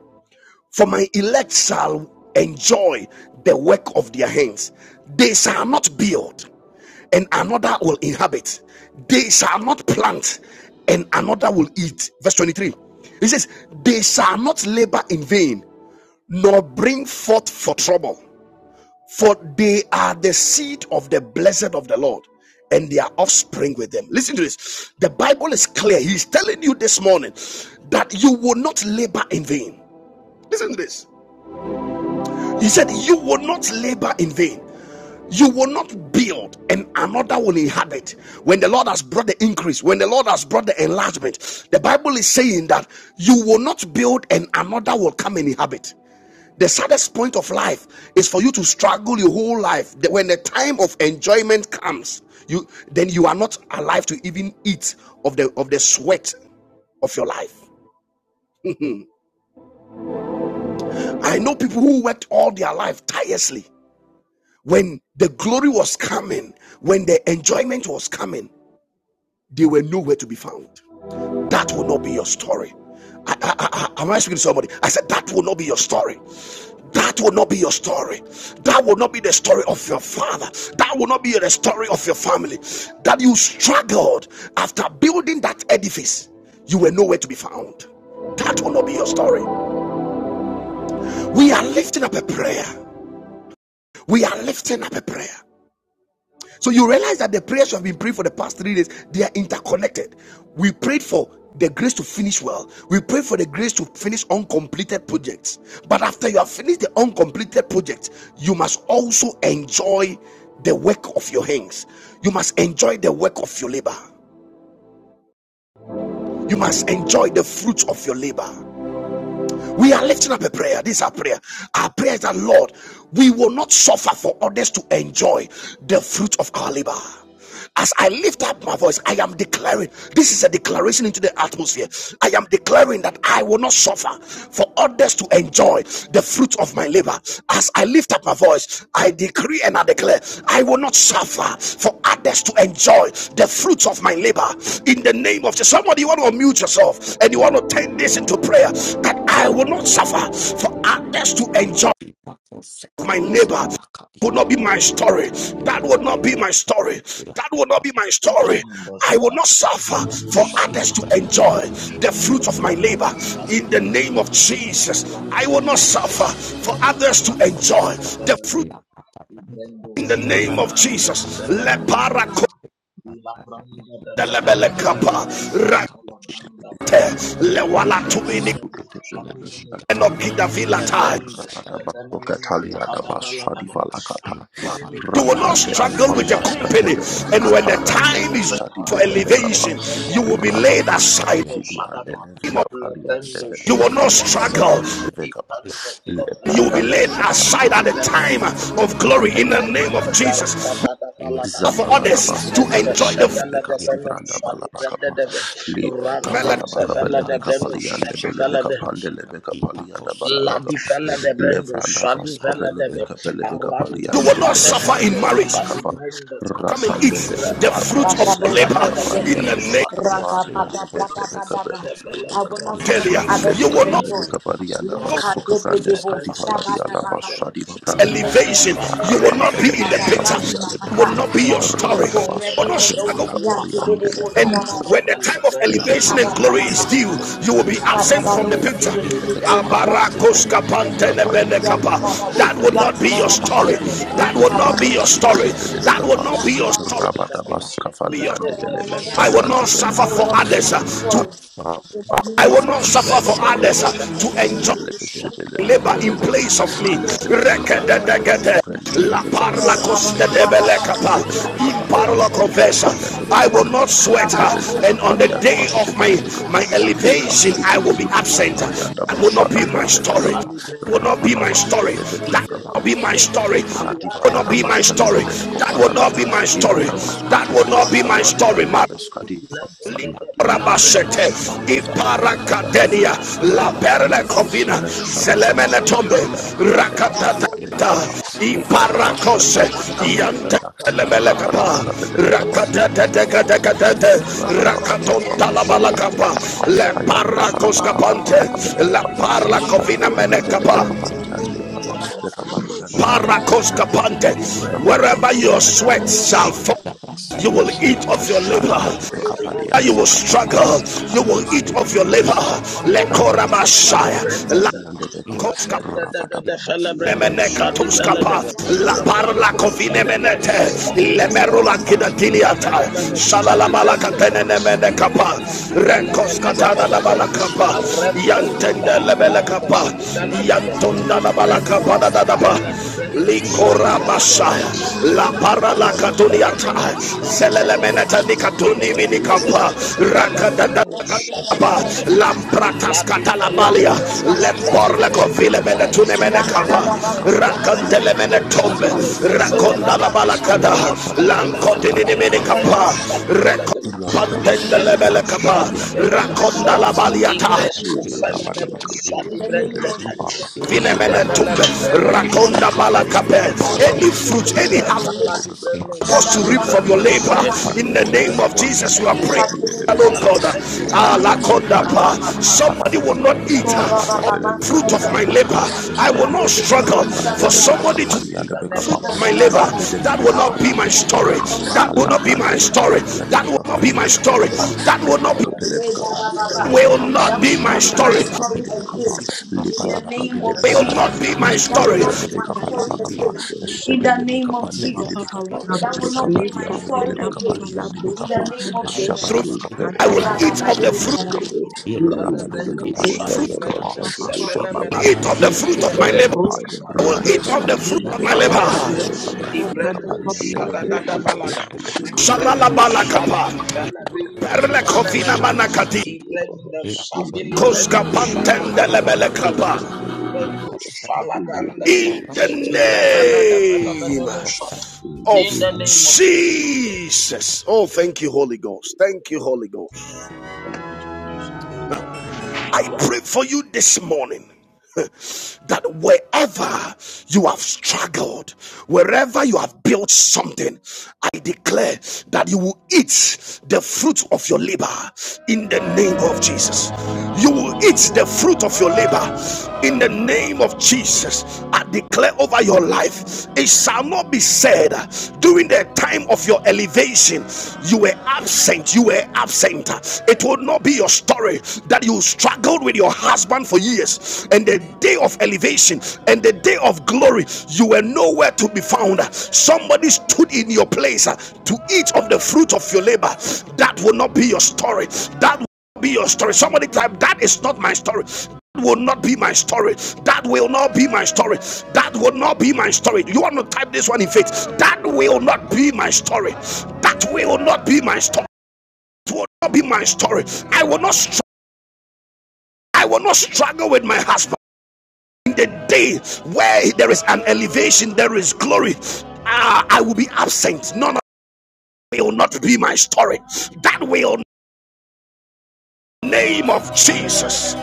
A: For my elect shall enjoy the work of their hands. They shall not build, and another will inhabit. They shall not plant, and another will eat. Verse 23. It says, They shall not labor in vain, nor bring forth for trouble. For they are the seed of the blessed of the Lord and their offspring with them. Listen to this. The Bible is clear. He's telling you this morning that you will not labor in vain. Listen to this. He said, You will not labor in vain. You will not build and another will inhabit. When the Lord has brought the increase, when the Lord has brought the enlargement, the Bible is saying that you will not build and another will come and inhabit. The saddest point of life is for you to struggle your whole life. That When the time of enjoyment comes, you then you are not alive to even eat of the of the sweat of your life. I know people who worked all their life tirelessly. When the glory was coming, when the enjoyment was coming, they were nowhere to be found. That will not be your story. I, I, I- am I speaking to somebody? I said that will not be your story. That will not be your story. That will not be the story of your father. That will not be the story of your family. That you struggled after building that edifice, you were nowhere to be found. That will not be your story. We are lifting up a prayer. We are lifting up a prayer. So you realize that the prayers you have been praying for the past three days, they are interconnected. We prayed for the grace to finish well. We pray for the grace to finish uncompleted projects. But after you have finished the uncompleted project, you must also enjoy the work of your hands. You must enjoy the work of your labor. You must enjoy the fruits of your labor. We are lifting up a prayer. This is our prayer. Our prayer is that, Lord, we will not suffer for others to enjoy the fruit of our labor. As I lift up my voice, I am declaring this is a declaration into the atmosphere. I am declaring that I will not suffer for others to enjoy enjoy the fruit of my labor. As I lift up my voice, I decree and I declare, I will not suffer for others to enjoy the fruits of my labor. In the name of Jesus, somebody you want to unmute yourself and you want to turn this into prayer that I will not suffer for others to
B: laka
A: enjoy
B: kaposala
A: my neighbor
B: laka ya
A: would not be my story. That would
B: laka
A: not be
B: bida
A: my story. That
B: laka
A: would not be my
C: Open our
A: story.
C: numbers.
B: kaposala
A: I will not suffer
B: laka
A: for
C: Shadow.
A: others
B: sika
A: to
B: branda
A: enjoy the
C: La de
A: fruit of my
C: brando,
A: labor.
B: laka
C: shabi
A: In the
C: de la
A: name
C: de
A: of
C: de.
A: Jesus,
C: La la
A: I will
C: la
A: not
C: va,
A: suffer
C: randa
A: for
C: bedo,
A: others to
C: shabi
A: enjoy
C: brende
A: the fruit.
C: kevelede. I brendo,
A: In the
C: shala
A: name of
C: brande,
A: Jesus,
C: sevene mendosha. La branda de de de de vele de brando, shala branda. fa. Le
F: Radi
C: frende bedo,
F: basuke tebele
C: shabi mendo,
F: beshadi
C: fa.
F: kabra.
C: Ilebrendes,
F: Rabada basuke
C: Evenemene,
F: taliana basadi
C: Tadabalababa,
F: valakata.
C: Antinimi
A: You will
C: Kapa,
A: not
F: Rapande
A: struggle
C: Ramdes,
A: with a
F: efaliaska
A: company,
C: Evenemene,
F: tebele
A: and when the
C: Tadaba,
F: bekaparande
A: time is
F: vesadi
A: for
F: vele
C: Rehande de de
F: bekapa.
C: de
A: elevation, you will be
C: Feluandi
A: laid
C: Kapa,
F: Rabados
A: aside.
C: Ando
F: kativiliande
C: Sadaba,
A: You
F: nevekapaliande
C: Lebrendo
F: vele
A: will not
B: La
C: Sadibele
B: Shut
C: de de,
A: struggle.
F: bekapasuande levekapa.
C: Ipando
A: You will be
F: Lepanda
A: laid
C: Lebrendo
A: aside
F: basaprande
A: at the
F: vele
C: Sadibele de
A: time
F: bekapande vele
A: of glory in the
C: de,
F: bekapaliande
A: name of
F: vele bekapa.
C: Randa
A: Jesus. We
C: da da
A: are
C: Balababa,
A: for
F: Zafalada da
A: others to
F: Basco
C: Ibrenda
F: Feli
A: enjoy
F: and
A: the fruit
C: Sevela de
F: Leveca
C: Breno
F: Sivranda
C: Sadi Brenda
F: Balabacapa
C: de de,
F: Libra
C: Randa
A: melody.
F: Capala Bacapa
C: Sevela de
F: Leveca
C: Breno
F: Pali and
C: Sadi Vela
F: Leveca
C: dede.
F: Pande Leveca Pali
B: up,
F: and
C: La di
F: Balabacapa
C: fella de brendo,
F: Levranda
C: shadi
F: Vasco
C: fella de be,
F: Velebeca Velebeca Pali
C: arando
A: You
F: and
A: will not
F: Velebes
C: stavene
A: suffer in
C: meno,
F: Cativala
A: marriage.
C: shadi
F: Bacava
C: brendo,
B: I
A: Come and eat
F: Rapande
B: see
C: ire
A: the
F: Velebeca
D: I
C: panda
D: will
A: fruit of
F: Pande
A: your
D: not
A: labor
C: sevela
F: Velebeca
C: de
F: Pali
A: in
C: brendo,
F: and
A: the name
C: shadi
F: Leveca
C: de,
F: Pali and
C: di
F: Velebeca
C: panda de de fella de
F: Velebeca Pa
A: of
C: brendo,
D: suffer
A: Delia.
D: for
C: shadi
D: others
A: You
C: de.
F: Lebeca
A: will
D: to
A: not
D: enjoy.
F: Velebeca Pali and
A: struggle
D: Lika
F: Basuca
C: Brandos,
D: depe
C: the
F: Frandes
D: debo
F: Cativala
C: Brandos,
D: shabada
F: Diada
D: baba.
C: Rabadab,
F: Bashadiva
A: with
F: Branta
D: Reke
A: elevation.
C: Lepshadi
D: pepe
A: You
D: do
A: will not
F: Rakapande
C: Brandos,
A: be in
F: Lebes
B: that.
A: the
D: shabada
A: picture.
B: I
C: Rabadab,
D: brandi
F: Shabadia
B: did.
A: It
F: Leveca.
A: will
D: makata.
A: not be your story.
C: Igrandos,
A: You
B: La,
D: Iko
C: the
D: rebo
A: will
F: Rabadabasha,
A: not
D: debo
B: la, la, porta la,
C: Branda
A: struggle
F: Velebeka
D: siyanti
C: Kulapa,
F: Parian,
B: la,
D: debo
A: And
F: Delebeka
C: Aduf,
D: shabada
A: when
B: porta
D: baba.
C: the
A: the time of
B: la, la,
C: Levendu,
F: Patelebe,
A: elevation
D: Lika
A: and
D: da
B: la,
D: baba
A: glory is
B: la,
C: Askivelab,
D: baba.
A: due, you will be
B: la, la,
D: Lika
C: Rapid
D: da
A: absent from the
F: Kapali
D: baba
C: the
F: and
A: picture.
F: the
D: shibe
F: Vele the
C: Brandos,
B: la,
D: debo
F: Kapak
C: Rapid
F: was
D: siyanta.
C: Velab,
B: la,
F: seven, the Vele the
D: Rene
B: la,
D: ko
F: Kapan, the
C: Ibrahim
F: Vele the
D: siyanta
C: the
F: Kapa,
D: baba bo
C: Fella
A: That
C: the
A: will
F: Lima
A: not be
D: siyanta
C: Brandos,
A: your
D: baba baba.
F: Suki
C: Fadi
A: story.
C: Velab,
F: Tivili
A: That
F: and the
A: will
D: Lika
F: Libi
D: da
A: not be
D: bo
A: your
C: Imran
F: Kapali and
A: story.
F: the
C: the
D: siyanta
F: Vele the
A: That
D: debo
A: will
F: Kapa,
A: not be
D: siyanta
A: your
D: baba baba.
A: story.
C: Brandos, Adaba,
B: la,
F: Rabadabas Kafali
C: Let
F: and
D: Lord,
F: the
D: I
C: the
F: Vele
D: will not
A: I will
D: worship.
C: phenomenal
F: Shabran,
A: not
F: the Vele
C: Shadi
A: suffer
F: the
D: I will
A: for
D: not be
C: Brandos.
A: others
D: my
A: uh, to
D: soul
F: Kapa,
D: in the
A: I
D: name
A: will
D: of
A: not suffer for
D: Jesus.
C: Ipenda da
A: others
D: I
C: da
A: uh,
F: Rabababababababababa.
D: will not
C: fella
A: to
C: da
D: suffer in
C: da
A: enjoy
D: my
F: Lebe
C: bush
D: name.
F: shebe
C: ati
F: lebe
C: fella da
A: labor
F: kapa
C: da
A: in
F: lebe
D: Someone to
F: kapa
D: come
A: place of
D: and enjoy
A: me.
F: lebe
C: rabda
F: lebe
C: sa
F: kapa
D: in
C: fella
F: li
D: the
C: da
F: ande
C: da
D: name of
F: bazuka lebe
C: lip
A: La
D: Jesus.
F: lebe kapa
D: Oh,
F: li
C: bush
A: parla
F: ande
C: ati
D: Rabba,
A: costa
F: lebe
C: fella
A: de
D: Rabba,
B: Thank
F: kapa
C: da
D: Rabba,
B: la
D: Rabba,
A: belecapa,
F: zebe
D: Sia,
B: Yes,
F: lebe
A: in
C: randa
D: Rabba,
F: kapa li
C: da
F: ande
A: parola
D: Kosia,
C: fella
F: lebe
D: Tebe,
A: professa.
F: kapa
C: manus
F: li
D: Tebe,
F: ande
C: ati
A: I
F: lebe
D: Siata,
A: will
F: kapa
C: branda
A: not
C: sa
A: sweat
D: Rabba,
A: her,
D: Rabba,
F: zebe lebe
C: la
A: and
D: Sia,
F: kapa
C: da
A: on
D: Rabba,
A: the
F: li
C: da
F: ande
C: da
D: Rabba,
A: day
C: da
A: of
C: da
F: bashebe
A: my
C: bad
D: Sia, Rabba, Sia,
F: lebe
D: Rabba,
F: kapa
A: my
C: bush ati
F: Liba
C: branda
A: elevation,
C: sa
A: I
F: Suki
A: will be
F: Divilibika
C: la
A: absent.
C: branda
D: Rabba,
F: Parianda
A: That
C: da
A: will
D: Sia,
A: not
F: Bashada
C: fella
A: be my
F: Fran
D: Rabba,
C: manus
A: story.
D: Rabba,
F: Lebekapa,
C: ali
D: Sia.
A: That Will
C: branda
A: not be
F: Rabada
A: my
D: I
C: kapi
A: story.
D: will not
C: i
A: That will not be
C: branda
A: my
D: worship.
C: da da da
A: story.
F: Radivala
C: halu
A: That
D: Rabba, Rabba, Sia, Rabba,
C: te
A: will not
F: Radivalada
A: be
C: kaban
A: my
C: mena
A: story.
F: Bashatevele
D: Rabba, Sia,
A: That will
C: i
A: not be
F: Bekofaladava,
D: Rabba,
A: my
C: randa da
A: story.
C: da
F: Iladava
C: da da
A: That will
C: halu
F: Skatevele
A: not be my
D: Rabba,
C: asta
F: Bekafali
C: ta
A: story.
F: and the
D: Sia.
F: Beskati
C: la da da da fella
D: Some will
C: branda
F: Faladiata,
D: not
A: Rabashete,
D: be
C: sa
D: my
C: fella
F: Rakapele
C: da
D: strength.
C: da
F: Bekafali and
A: Iparakadenia,
F: the
C: La
D: Yes,
C: data
A: La
F: Bekafali at
D: yes,
C: di
F: the
A: Perle
D: yes.
C: la
F: Bekapa,
A: Covina,
F: the
C: brano
D: We
C: sapete
D: shall
F: Shatabala
A: Zelemene
D: do this.
A: Tombe,
D: Yes,
F: Bakapalia,
C: di
F: the Vele
D: yes,
C: braccio sono
A: Rakatata,
F: Bekapari
D: yes.
F: and the
C: non
F: Bekapa,
C: sapete
D: Yes, yes,
F: Likadava
A: Iparakose,
C: la
F: Shadivele
C: data
D: yes.
A: Yante.
F: Bekapalianda,
C: data
D: Yes, yes, yes. We shall
C: data
D: do
A: Lebelekapa,
C: data
F: Rabada
C: la
F: Bakapele
D: this.
C: in
F: Bekapari and the
C: mondo
F: Vele
C: da da
F: Bekapa,
A: rakateteteketeketete,
C: la
B: Thank
C: brano sapete di
F: Rababa
C: sapete
F: Shapran de
A: rakatontalabalakalapa,
F: Bekapa,
C: la brano
F: Ayanda
C: sana mana
F: Balabakapala
A: leparakoskapante,
C: mana
F: Bakapele Bekapa,
C: il
F: the
C: la
F: Shabada
C: brano
F: Bakapele
G: Sunday,
C: sapete
A: leparlakovinamenekapa,
C: bella la
F: Bekapari and the Bekapa. Bekapalia de Belebeka
A: parakoskapante.
F: Palama,
A: Wherever your
C: da
A: sweat shall fall, you will eat
F: a
A: of your
F: shot of
A: labor
F: Elibecapalia
A: you
F: de
A: will
C: Labrandos,
F: Becapalia de
A: struggle, you
F: Becapalama
A: will eat
F: Suki de
A: of your labor.
C: Fala de
F: Liprata
C: Brando,
F: Basuki de
C: Shadi Brenda,
A: Lekoramashaya.
C: sa
F: Becapalia de Becapa,
C: Rapenda da da
F: Rapata
C: da Fella
B: you.
C: Brando, Shadi Bella de
A: Nemenekatuskapa,
C: Be,
A: La parla
C: Arambo,
A: covine
C: Shadi Brenda,
A: menete,
C: sa
A: lemerula
C: Irapanda de
A: kidatiniata,
C: Fella Manu,
A: shalala
C: Shadi
A: malaka
C: Brenda, sa
A: tenemene kapa,
C: Ilata di Bella de Be de
A: rekoskatana la
C: Bella de,
A: balakapa,
C: Arenda
G: Thank you.
C: Scuva,
A: yantende lebele
C: Randa
A: kapa,
C: Stivella de Be,
A: yantunda la balakapa
C: Benua,
A: da daba da
B: Yes,
C: Stivella de Brando, Shadi
A: likora
C: Bella de Be,
A: masaya, la para la
C: Randa de Fella
A: katuniata,
C: Brando, Shadi
A: zelele
C: Bella de
A: menete nikatuni
C: Irenda de de
A: minikapa,
C: de de pella de
A: rakadada
C: brendo shati
A: Kapa,
C: brende
D: Yes, yes,
A: Lampratas
C: lapis pella de
A: Catalabalia,
C: brendo shati
F: Becapa,
A: Lemborlego
C: brende
D: yes.
A: Vilemene
F: Lebana
C: fight
A: Tunemene
F: Sobra de
A: Kappa,
C: renda
F: Belebeca,
C: stemena
F: Lebeca
C: menu
B: Thank
A: Racantelemene
F: Belebeca
C: shati
A: Tombe,
C: brende
F: Belebeca
A: Raconda
F: Belebeca,
C: seleleve
A: la Balacada,
F: Lebeca
C: randa
F: Padia
C: da
F: de
C: da da da
F: Becapalia
C: balla
F: de
A: Lancotinimini
C: da
D: Madame
C: brendo
F: Bacapa,
A: Kappa,
C: shati bella de
F: Rabata
C: i
F: Bashe
D: Rosa.
C: brendo
A: Recopantendelemele
F: Belebeca
A: Kappa,
C: shati
F: Pelia de
D: In
C: brende
A: Raconda
C: say
A: la
D: the
C: i
F: Belebeca
A: Baliata,
C: bresku
F: Rabba
C: fenomeno shati
D: name of Jesus,
C: brende
A: Vinemene
C: vele
A: Tumbe,
C: de brendo
A: Raconda
C: shadi brende de
D: I
A: Balacape,
C: vele de
D: will
A: any
D: enjoy the
A: fruit,
D: fruit
A: any
D: of
A: half.
D: my
C: irepala
D: labor.
C: di brendo
D: In
A: supposed
G: I
A: to
G: will
C: shadi
A: reap
G: not
A: from your
C: brende
A: labor.
C: se
G: struggle
A: In the name of
C: brendo
A: Jesus, you are
C: shadi
A: praying.
C: brendo
A: Oh
C: shadi
A: God,
C: brende se
D: the
A: ah,
D: name of
A: lakonda pa.
D: Jesus,
C: namala brende
A: somebody will
C: de
A: not
D: I
C: vele
A: eat
C: de
A: ah, of the
C: la
B: you.
A: fruit of my
C: brendo
A: labor.
B: Yes,
C: shadi
B: yes,
A: I will not
C: brende
B: yes,
C: de
B: you
A: struggle
B: are a
C: vele de
A: for
B: force,
A: somebody
B: you are a
A: to
C: in
A: eat
D: will
B: gift,
C: the
B: you
A: the fruit
C: name of
A: of
B: are a
A: my labor.
C: shadi
B: gift, you are
C: brende
B: a
A: That will not be
D: not
C: sabala
A: my
D: struggle
A: story.
D: for
B: gift, you are
D: someone
A: That will
B: a
D: to,
A: not
B: gift,
A: be
C: rapando
A: my
C: de
A: story. That will not
C: kapi
A: be my
D: to
A: story.
D: enjoy.
C: Ooh,
A: That
C: da,
A: will not be
C: no,
D: Lord, ba, ba,
C: shadi
D: ba,
G: for
D: ba.
C: brende
A: will
C: de
G: somebody
A: not
G: to
D: That
A: be
D: will
G: even
A: my
D: not
G: the
D: be my
A: story.
G: fruit
D: story
G: of my
D: again.
F: Shadebelebekapeliakapa,
G: labor.
D: In
C: he
D: the
G: That will
C: was
D: name
C: a
G: not
D: of
C: better
G: be
A: Will
G: my
A: not
D: Jesus.
A: be
F: Libalabakapelebekapaliata,
A: my
B: you
G: story.
D: That will
A: story.
D: not
G: That
D: be my
G: will not
D: story
G: be my
F: Librandebekapalabakapa,
D: again.
G: story.
D: In
B: are
D: the name of Jesus.
F: Shebelebekapandebelebekapa,
G: That
D: That will
G: will not
D: not
G: be
D: be my
G: my
D: story
G: story in the
D: again.
G: name
D: In
G: of
D: the
F: Likapadiandebelebekapariandebekapa,
D: name
G: Jesus.
D: of
A: Through
G: Lead
D: Jesus.
A: I
G: cover
A: will
C: Thank
B: a
A: eat
G: Sunday,
C: you.
A: of the
G: the
A: fruit,
F: Shabadabakapelebekapariandebelebekapa,
G: end. Lead the
C: Telebrando
G: the
A: fruit,
C: shadi
G: cover by
F: Rabadebekapaliadebekapa,
C: brando
G: Sunday, the
B: gift.
G: bada da
C: sebenemena.
A: eat
G: di
A: of the
G: da.
A: fruit
B: Yeah.
C: Ile
A: of my
G: Yeah,
A: labor.
C: brando
F: Shadivelekopaliandebelebekapa,
G: cover them
A: I
G: by
C: shadi
A: will eat
C: brando
A: of the
G: Sunday, the
A: fruit of
B: La
A: my
F: Randeskatevelebekapa,
B: camilla
G: And oh
A: labor.
C: sakavalade.
B: patapia,
G: Lord, I
B: la
C: I
G: will eat of
C: brando
G: the fruit
B: la
G: of my
B: camilla
C: shadadada
B: tax,
G: labor
B: la
C: valada.
B: tax, la
F: Shabadabekapaliandebelebekapa,
B: tax,
G: in the
B: la
C: Brando
G: mighty name of
C: shaki
A: Shalalabalakapa.
B: tax, la tax,
G: Jesus.
C: velabrino
G: I will eat of
A: Perlekovina
G: the
C: sanemena.
B: la
F: Lebekapaliandebelebekapa,
G: fruit of
A: manakati.
G: my
C: I
G: labor.
C: brando
G: Lead the
C: shavili
G: by
A: Koska
C: brando
G: Sunday, the baba,
C: shadamana manu.
G: like by
A: pantendelebelekapa.
G: Sunday,
C: I
G: the
C: brando
B: tax,
G: In the
C: shalaganda
G: the
C: sa.
G: the
A: In the
G: cover by
B: la tax,
G: Sunday.
C: Levelada
G: the
A: name
C: benomenono shada.
G: I pray
A: of
C: In
G: for
C: the name of Jesus.
A: Jesus. Oh, thank you, Holy Ghost. Thank you, Holy Ghost.
C: Thank you, Jesus.
A: Now, I pray for you this morning. that wherever you have struggled, wherever you have built something, I declare that you will eat the fruit of your labor in the name of Jesus. You will eat the fruit of your labor in the name of Jesus. I declare over your life, it shall not be said during the time of your elevation, you were absent, you were absent. It will not be your story that you struggled with your husband for years and the day of elevation and the day of glory you were nowhere to be found somebody stood in your place uh, to eat of the fruit of your labor that will not be your story that will not be your story somebody type that is not my story that will not be my story that will not be my story that will not be my story you want to type this one in faith that will not be my story that will not be my story it will not be my story i will not struggle I will not struggle with my husband. In the day where there is an elevation, there is glory. Ah, I will be absent. None of it will not be my story. That will name of Jesus.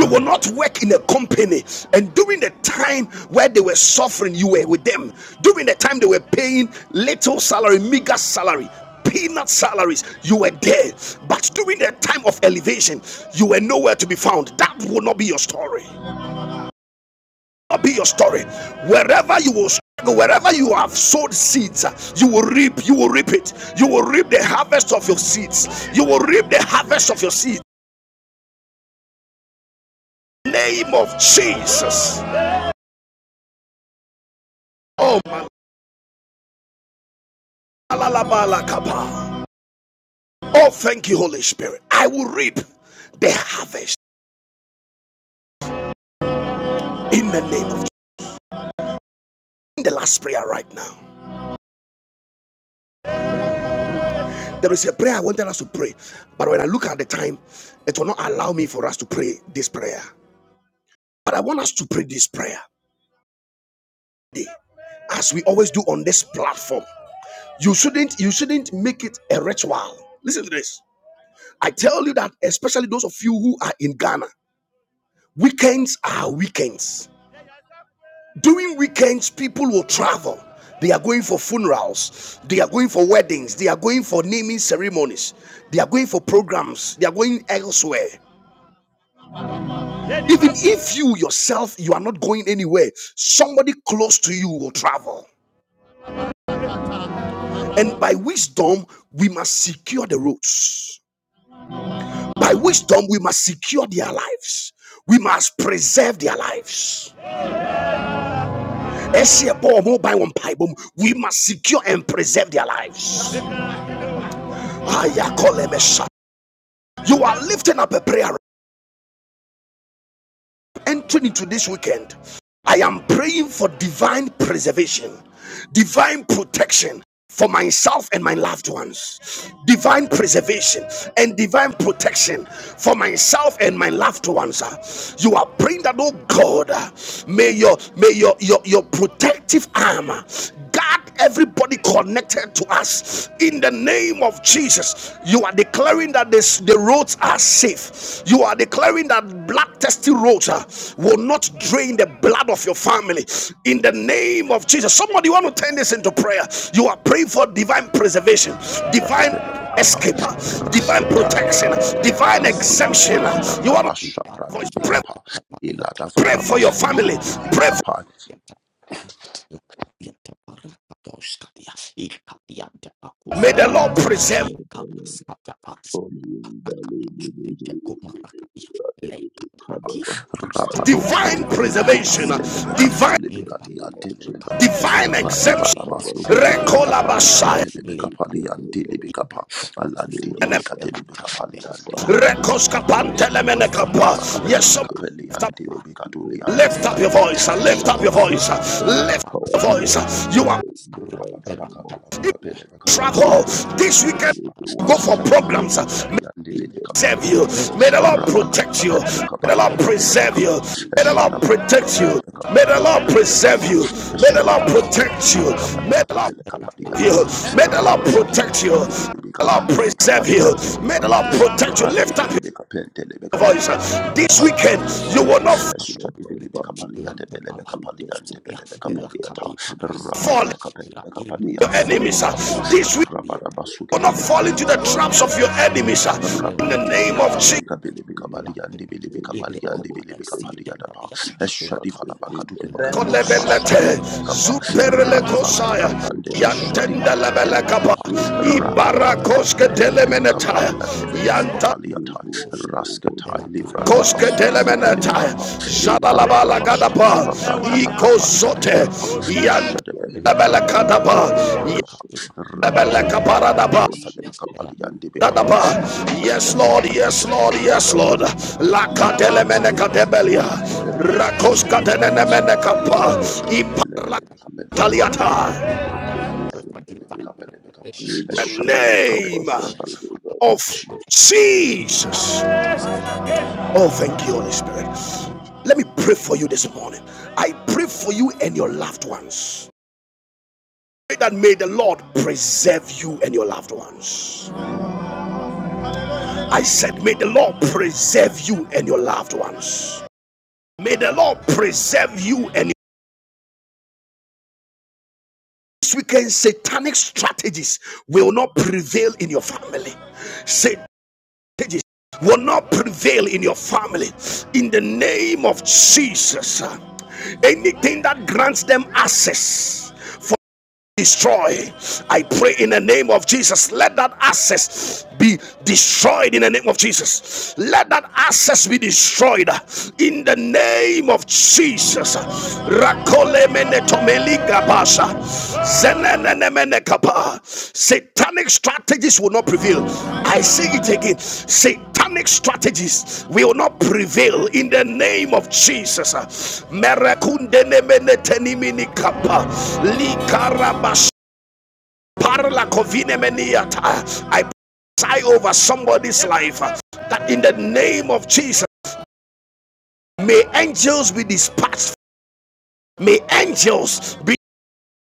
A: You will not work in a company. And during the time where they were suffering, you were with them. During the time they were paying little salary, meager salary, peanut salaries, you were there. But during the time of elevation, you were nowhere to be found. That will not be your story. be your story. Wherever you will struggle, wherever you have sowed seeds, uh, you will reap, you will reap it. You will reap the harvest of your seeds. You will reap the harvest of your seeds. In the Name of Jesus. Oh, oh thank you, Holy Spirit. I will reap the harvest in the name of Jesus. In the last prayer right now. There is a prayer I wanted us to pray, but when I look at the time, it will not allow me for us to pray this prayer. But I want us to pray this prayer. day as we always do on this platform you shouldn't you shouldn't make it a ritual listen to this i tell you that especially those of you who are in ghana weekends are weekends during weekends people will travel they are going for funerals they are going for weddings they are going for naming ceremonies they are going for programs they are going elsewhere even if you yourself you are not going anywhere somebody close to you will travel And by wisdom, we must secure the roads. By wisdom, we must secure their lives. We must preserve their lives. Ɛhyɛ bɔ ɔmo ban wɔ mpaebɔ We must secure and preserve their lives. You are lifting up a prayer entering into this weekend, I am praying for divine preservation, divine protection for myself and my loved ones, divine preservation and divine protection for myself and my loved ones. You are praying that, oh God, may your may your your, your protective armor guard everybody connected to us in the name of Jesus. You are declaring that this, the roads are safe. You are declaring that black testy roads uh, will not drain the blood of your family in the name of Jesus. Somebody want to turn this into prayer. You are praying for divine preservation, divine
F: Shadevelebekapa,
A: escape, uh, divine
F: Rasketai,
A: protection, divine
F: Frandeleveka,
A: exemption. You
F: Sidivikavianda,
A: want to
F: Basha,
A: pray,
F: Brandibekapa,
A: pray
F: Iladavala,
A: for your
F: Basuki,
B: la
A: family. Pray. For,
F: Divikapa,
B: Yeah. Yanta baraka doshka dia, ilka diante
A: may
B: bakuska
A: the Lord
B: diata,
A: preserve
B: inka raska diapa, baraka doshka te kumaraka dia, leika rati duska
F: Rapados,
B: diata,
A: divine
B: inka
F: Kadivelebekapa,
G: preservation
A: preservation,
G: of
B: raska
G: my
F: Delebeka,
B: diapa,
A: divine
G: family in the
B: inka
F: Sulebekati,
G: name of
F: Antelebeka,
B: raska
G: Jesus.
A: divine
B: dia palaka
G: Please
A: exemption.
F: Rativala,
B: diata,
G: cover
F: Basuki,
G: for
B: ela
G: me,
A: Rekola
F: Telebekapa,
B: branca
G: Bible.
B: kopa,
A: basaya.
G: Just we
F: Liantelebekapa,
B: leika
G: pray, O Lord.
B: rati
G: I
F: Liantelebekapa,
B: diante
G: pray
B: bakuska dia,
F: Alantibika,
G: wherever the
B: irata
F: Telebekapa,
B: kabia,
G: people of us,
F: Liantibika,
B: irata kadia
G: O
F: Telebekapa,
B: kata
G: Lord.
A: Rekoskapantelemene
B: bakasia,
A: Yes,
B: irata
A: somebody
G: person
F: Shabalabakapelebekapeli,
G: and
B: kapa,
G: first
F: Antelebeka,
G: people,
F: Tuli,
G: Lord.
A: lift up, lift
F: Antibika,
A: up
B: aska
A: your
B: diata,
A: voice.
G: I pray
A: Lift up your
G: that
B: ikoska
G: your
A: voice.
B: ima
G: protection
A: Lift
G: power
A: up your
F: Shadivalebekapa,
G: be
B: kupa,
G: running
A: voice. You are
G: Father in
F: Randi
G: the
B: Saya
G: mighty name of
B: berangkat
A: in
G: Jesus.
B: ya ira
A: trouble
B: dapat
G: Protect
B: kau
G: each
A: this
B: saya
G: and
A: weekend.
G: every
B: sekarang
G: one
A: Go
B: ya
G: of
A: for
G: us, O
B: ira
A: programs.
G: Lord,
A: May
B: ada ya
G: in the
A: save
G: mighty
A: you.
G: name
B: rakos
G: of
A: May
B: ya
A: the Lord
B: ira
G: Jesus.
A: protect
B: kita
A: you.
G: You
A: May the Lord
G: cover us
B: ira
G: and the
A: preserve
B: kita
A: you. May
B: suka
A: the Lord protect
B: ira
A: you. May
B: mesti
A: the
G: Let
B: cepat
A: Lord
G: your
B: kau ya
A: preserve you.
B: ira
G: protection
B: kau
A: May
G: power,
A: the
B: bila
G: O
A: Lord
B: cakap
G: Lord,
B: ira
A: protect
G: be
A: you.
B: apa
A: May the
B: kita
A: Lord
B: ira
G: represented
B: tahu ya
A: you.
B: kau
G: in
B: tak
G: the
A: May
B: ya
A: the Lord
G: mighty name
B: ira
G: of
A: protect you.
G: Jesus.
A: May the Lord
B: kau tak
A: preserve
B: ya
G: You
A: you.
G: cover
B: ira
G: us
A: May
B: kau
A: the
G: and
A: Lord
B: cepat
A: protect
G: deliver,
A: you.
B: cepat
A: Lift up
G: Father.
B: ya
A: your
G: I
B: le
A: voice.
G: pray for
B: pareko
A: This weekend,
G: protection
B: satapa
G: and
A: you
B: le
A: will not
G: preservation of my
B: koparasita
G: family
B: la
G: and children.
B: kopalakotosalia
G: In
B: la
G: the mighty name of
A: fall
B: kapiparasabia
A: into
G: Jesus,
B: la
G: we
A: your
F: Kapadianda
G: cover
A: enemies.
B: kimakasipora
F: Balabakapa,
G: Sunday to
B: la
A: This
G: to
A: week,
G: to
B: kapiakalita
G: London.
F: Rabarabasuke
A: you will
G: We
F: di
A: not fall
G: cover
F: Bilibika,
A: into the
G: Sunday
A: traps
B: la
G: to
A: of your
F: Pelebekapa,
B: kosita
A: enemies.
G: to
A: In
B: la
G: to
A: the
G: to
A: name
F: Rabadibidibika
G: to
A: of
B: tepapate
A: Jesus.
G: to
F: Pelebika Pelebika
G: to
B: la
F: Baliandi
B: tepa
F: Bilibika
G: Any
B: ile
G: crop
F: Baliandi
G: of the
F: Bilibika
B: koparasite
G: enemy
F: Paliadapa,
G: be
B: kapiata la
G: dismantled
B: kapipa
F: Eshadifalabaka
G: in
F: to
G: the
B: la
G: mighty
C: Brando
G: name
F: Velekadifalaba
G: of
B: kapsita
C: shada
G: Jesus.
B: la
C: branda
F: Shadivekapa,
B: tepa
G: We
C: sevelada
B: la
C: brando
G: cover
B: kapia
F: Radifalabaka
G: Sunday
C: shada.
G: to
F: Prande
G: Baba
B: shabia
G: to
A: Yantenda
B: la
F: Veshadipalaka
A: Lebele
F: Velebekapa,
B: kapia
G: We do
B: la
G: do do do do
F: Rakapalaba
A: Ibarakoske
G: cover
B: kapia
F: Setevelebeka
G: Sunday
A: Telemeneta,
G: to
F: Paliande
G: to
F: Velebeka
A: Yanta
B: la
G: to
F: Faliata,
B: kapia
G: to
F: Raskatai
G: to to
F: Livranda
A: Koske
F: Basuke di
A: telemeneta,
F: Bilibikapa, Le
G: every
F: Palada
A: shalalabala
G: problem from the
A: gadapa,
F: Bashadifa Branda
G: river of the
A: ikosote,
F: Bakapaliadebekapa.
G: pathway for
F: Of
G: free
A: yantelebele
G: transportation in
A: kadapa,
G: every direction.
A: yantelebele
G: In the name
A: kaparadapa.
G: of Jesus, we Father, from the river
A: Yes,
G: of
A: Lord, yes,
G: the
A: Lord,
G: in the
A: yes,
G: blood
A: Lord.
G: of Jesus,
A: La
G: we are taken
A: katelemene
G: by him,
A: katebelia,
C: Amen.
A: rakos
G: demonstrated by him.
A: katenemene kapa,
G: In the mighty name
A: iparla
G: of Jesus, we go for
A: taliata.
G: your
B: Father, pray
G: purpose
B: for
G: and the
B: divine
G: river.
B: preservation,
G: River
A: The
B: divine
G: Bala Kaba
A: name
G: Santa
B: protection.
G: River
A: of
B: I
F: Jesus.
B: want to in the
G: in the name
B: name
A: Jesus.
B: of
G: of
B: Jesus.
G: Jesus.
A: Oh, thank you, Holy Spirit. Let me pray for you this morning. I pray for you and your loved ones. Pray That may the Lord preserve you and your loved ones. I said, May the Lord preserve you and your loved ones. May the Lord preserve you and your this weekend satanic strategies will not prevail in your family. Satanic stages will not prevail in your family in the name of Jesus. Anything that grants them access for destroy, I pray in the name of Jesus. Let that access be destroyed in the name of Jesus. Let that access be destroyed in the name of Jesus. Rakole mene tomeli gabasha. Satanic strategies will not prevail. I say it again. Satanic strategies will not prevail in the name of Jesus. I prophesy over somebody's life uh, that in the name of Jesus, may angels be dispatched. May angels be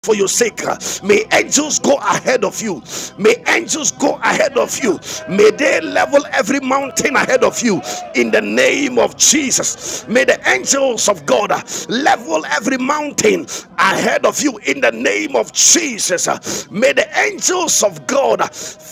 A: for your sake. May angels go ahead of you. May angels go ahead of you. May they level every mountain ahead of you in the name of Jesus. May the angels of God level every mountain ahead of you in the name of Jesus. May the angels of God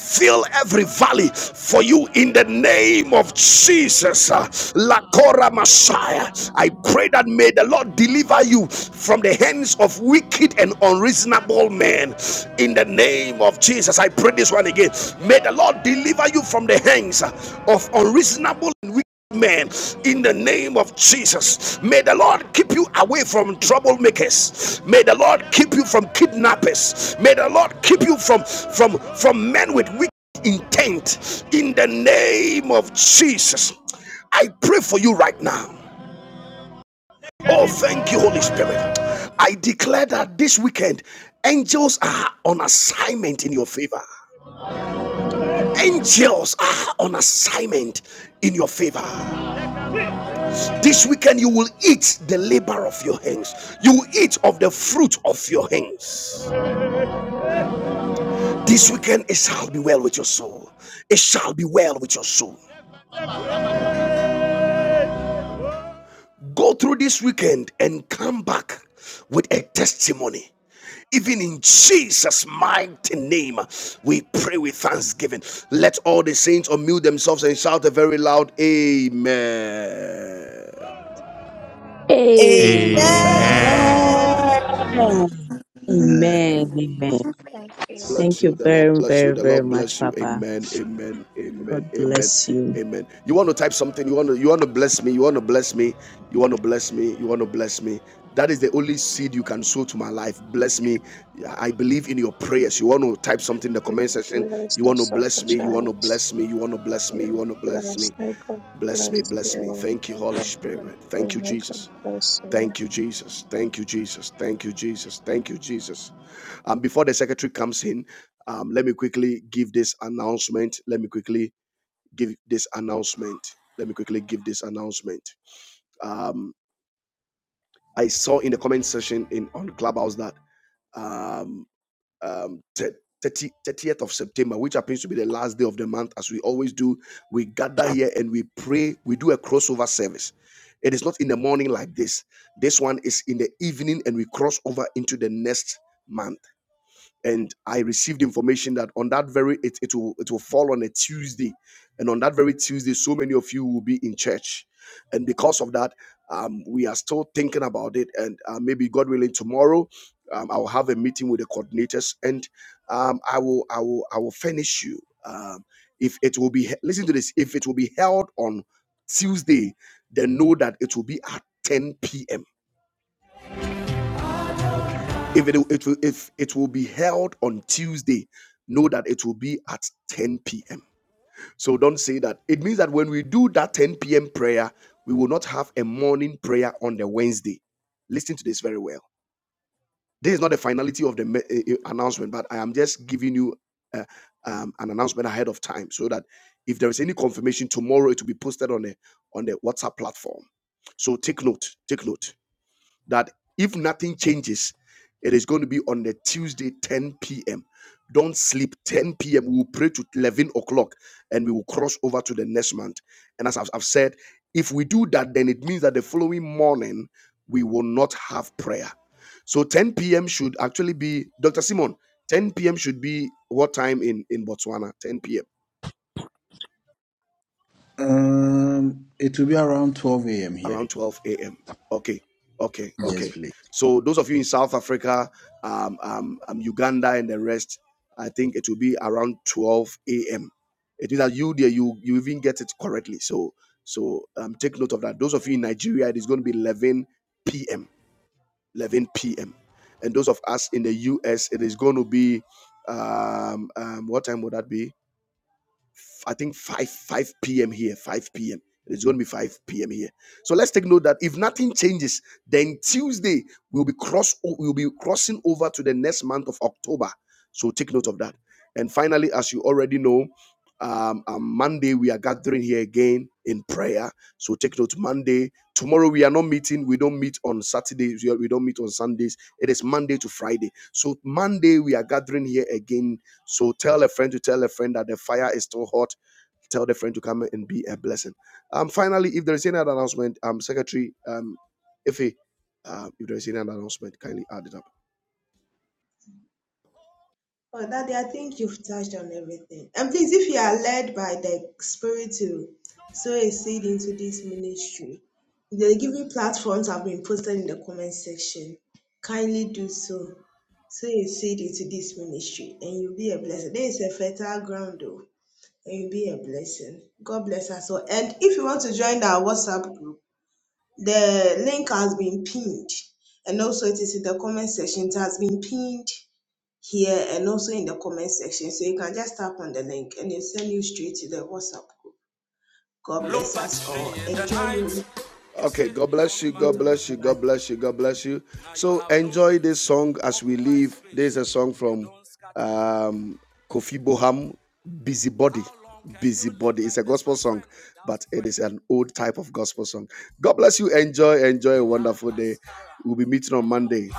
A: fill every valley for you in the name of Jesus. Uh, Lakora Messiah. I pray that may the Lord deliver you from the hands of wicked and unreasonable men. In the name of Jesus, I pray this one again. May the Lord deliver you from the hands uh, of unreasonable and wicked Man, in the name of Jesus. May the Lord keep you away from troublemakers. May the Lord keep you from kidnappers. May the Lord keep you from from from men with wicked intent in the name of Jesus. I pray for you right now. Oh, thank you, Holy Spirit. I declare that this weekend angels are on assignment in your favor. Angels are on assignment in your favor. This weekend, you will eat the labor of your hands. You will eat of the fruit of your hands. This weekend, it shall be well with your soul. It shall be well with your soul. Go through this weekend and come back with a testimony. Even in Jesus' mighty name, we pray with thanksgiving. Let all the saints unmute themselves and shout a very loud Amen.
H: Amen.
I: Thank
J: Amen.
I: you,
B: Amen
E: Amen.
K: Uh,
E: Amen. Amen.
A: bless
E: Thank
A: you.
E: you
A: The
I: Father.
A: Lord
E: very,
A: bless you.
E: very,
A: The
E: very
A: Lord
E: much,
A: bless you.
E: Papa.
A: Amen. Amen. Amen.
E: God
A: Amen.
E: bless you.
A: Amen. You want to type something? You want to you want to bless me? You want to bless me? You want to bless me? You want to bless me? That is the only seed you can sow to my life. Bless me. I believe in your prayers. You want to type something in the comment
I: You
A: section?
I: bless
A: You
I: the
A: want to
I: suffer
A: bless me? You want to
I: childs.
A: bless me? You want to bless me? You
I: You
A: want to bless
I: bless
A: me?
I: Michael,
A: Bless me.
I: bless
A: Bless me.
I: your
A: Thank you, Holy
I: Michael, bless
A: Spirit.
I: your
A: Thank you,
I: Michael,
A: Jesus.
I: bless you.
A: Thank you, Jesus. Thank you, Jesus. Thank you, Jesus. Thank you, Jesus. Um, before the secretary comes in, um, let me quickly give this announcement. Let me quickly give this announcement. Let me quickly give this announcement. Um, I saw in the comment section in on Clubhouse that um, um, 30th of September, which happens to be the last day of the month, as we always do, we gather here and we pray. We do a crossover service. It is not in the morning like this. This one is in the evening, and we cross over into the next month and I received information that on that very it, it will it will fall on a Tuesday, and on that very Tuesday, so many of you will be in church, and because of that, um, we are still thinking about it, and uh, maybe God willing, tomorrow, um, I will have a meeting with the coordinators, and um, I will I will I will finish you. Um, if it will be he- listen to this, if it will be held on Tuesday, then know that it will be at 10 p.m if it, it will if it will be held on Tuesday, know that it will be at 10 p.m. So don't say that. It means that when we do that 10 p.m. prayer, we will not have a morning prayer on the Wednesday. Listen to this very well. This is not the finality of the me- eh, eh, announcement, but I am just giving you uh, um, an announcement ahead of time so that if there is any confirmation tomorrow, it will be posted on the on the WhatsApp platform. So take note. Take note that if nothing changes, it is going to be on the Tuesday, 10 p.m. Don't sleep. 10 p.m. We will pray to 11 o'clock and we will cross over to the next month. And as I've, I've said, if we do that, then it means that the following morning we will not have prayer. So 10 p.m. should actually be, Dr. Simon, 10 p.m. should be what time in, in Botswana? 10 p.m.
K: um, it will be around 12 a.m. here.
A: around 12 a.m. Okay, okay,
K: Yes,
A: okay.
K: please.
A: So those of you in South Africa, um, um, um, Uganda, and the rest, I think it will be around 12 a.m. It means that you there, you you even get it correctly. So so um, take note of that. Those of you in Nigeria, it is going to be 11 p.m. 11 p.m. And those of us in the U.S., it is going to be um, um, what time would that be? f- I think 5 5 p.m. here, 5 p.m. It's going to be 5 p.m. here. So let's take note that if nothing changes, then Tuesday we'll be cross we'll be crossing over to the next month of October. So take note of that. And finally, as you already know, um, on Monday we are gathering here again in prayer. So take note. Monday, tomorrow we are not meeting. We don't meet on Saturdays. We are- we don't meet on Sundays. It is Monday to Friday. So Monday we are gathering here again so tell a friend to tell a friend that the fire is still hot Tell the friend to come and be a blessing. Um, finally, if there is any other announcement, um, Secretary, um, Ife, um, if there is any other announcement, kindly add it up.
L: Oh, Daddy, I think you've touched on everything. And please, if you are led by the Spirit to sow a seed into this ministry, the giving platforms have been posted in the comment section. Kindly do so. Sow a seed into this ministry, and you'll be a blessing. There is a fertile ground, though, and you'll be a blessing. God bless us all. And if you want to join our WhatsApp group, the link has been pinned, and also it is in the comment section. It has been pinned here and also in the comment section. So you can just tap on the link and it'll send you straight to the WhatsApp group. God bless us all. Enjoy your week.
A: Okay, God bless you, God
L: on
A: bless you, God
L: Monday.
A: bless you, God bless you. So enjoy this song as we leave. There's a song from um, Kofi Boham, Busybody. Busybody. It's a gospel song, but it is an old type of gospel song. God bless you. Enjoy, enjoy a wonderful day. We'll be meeting on Monday.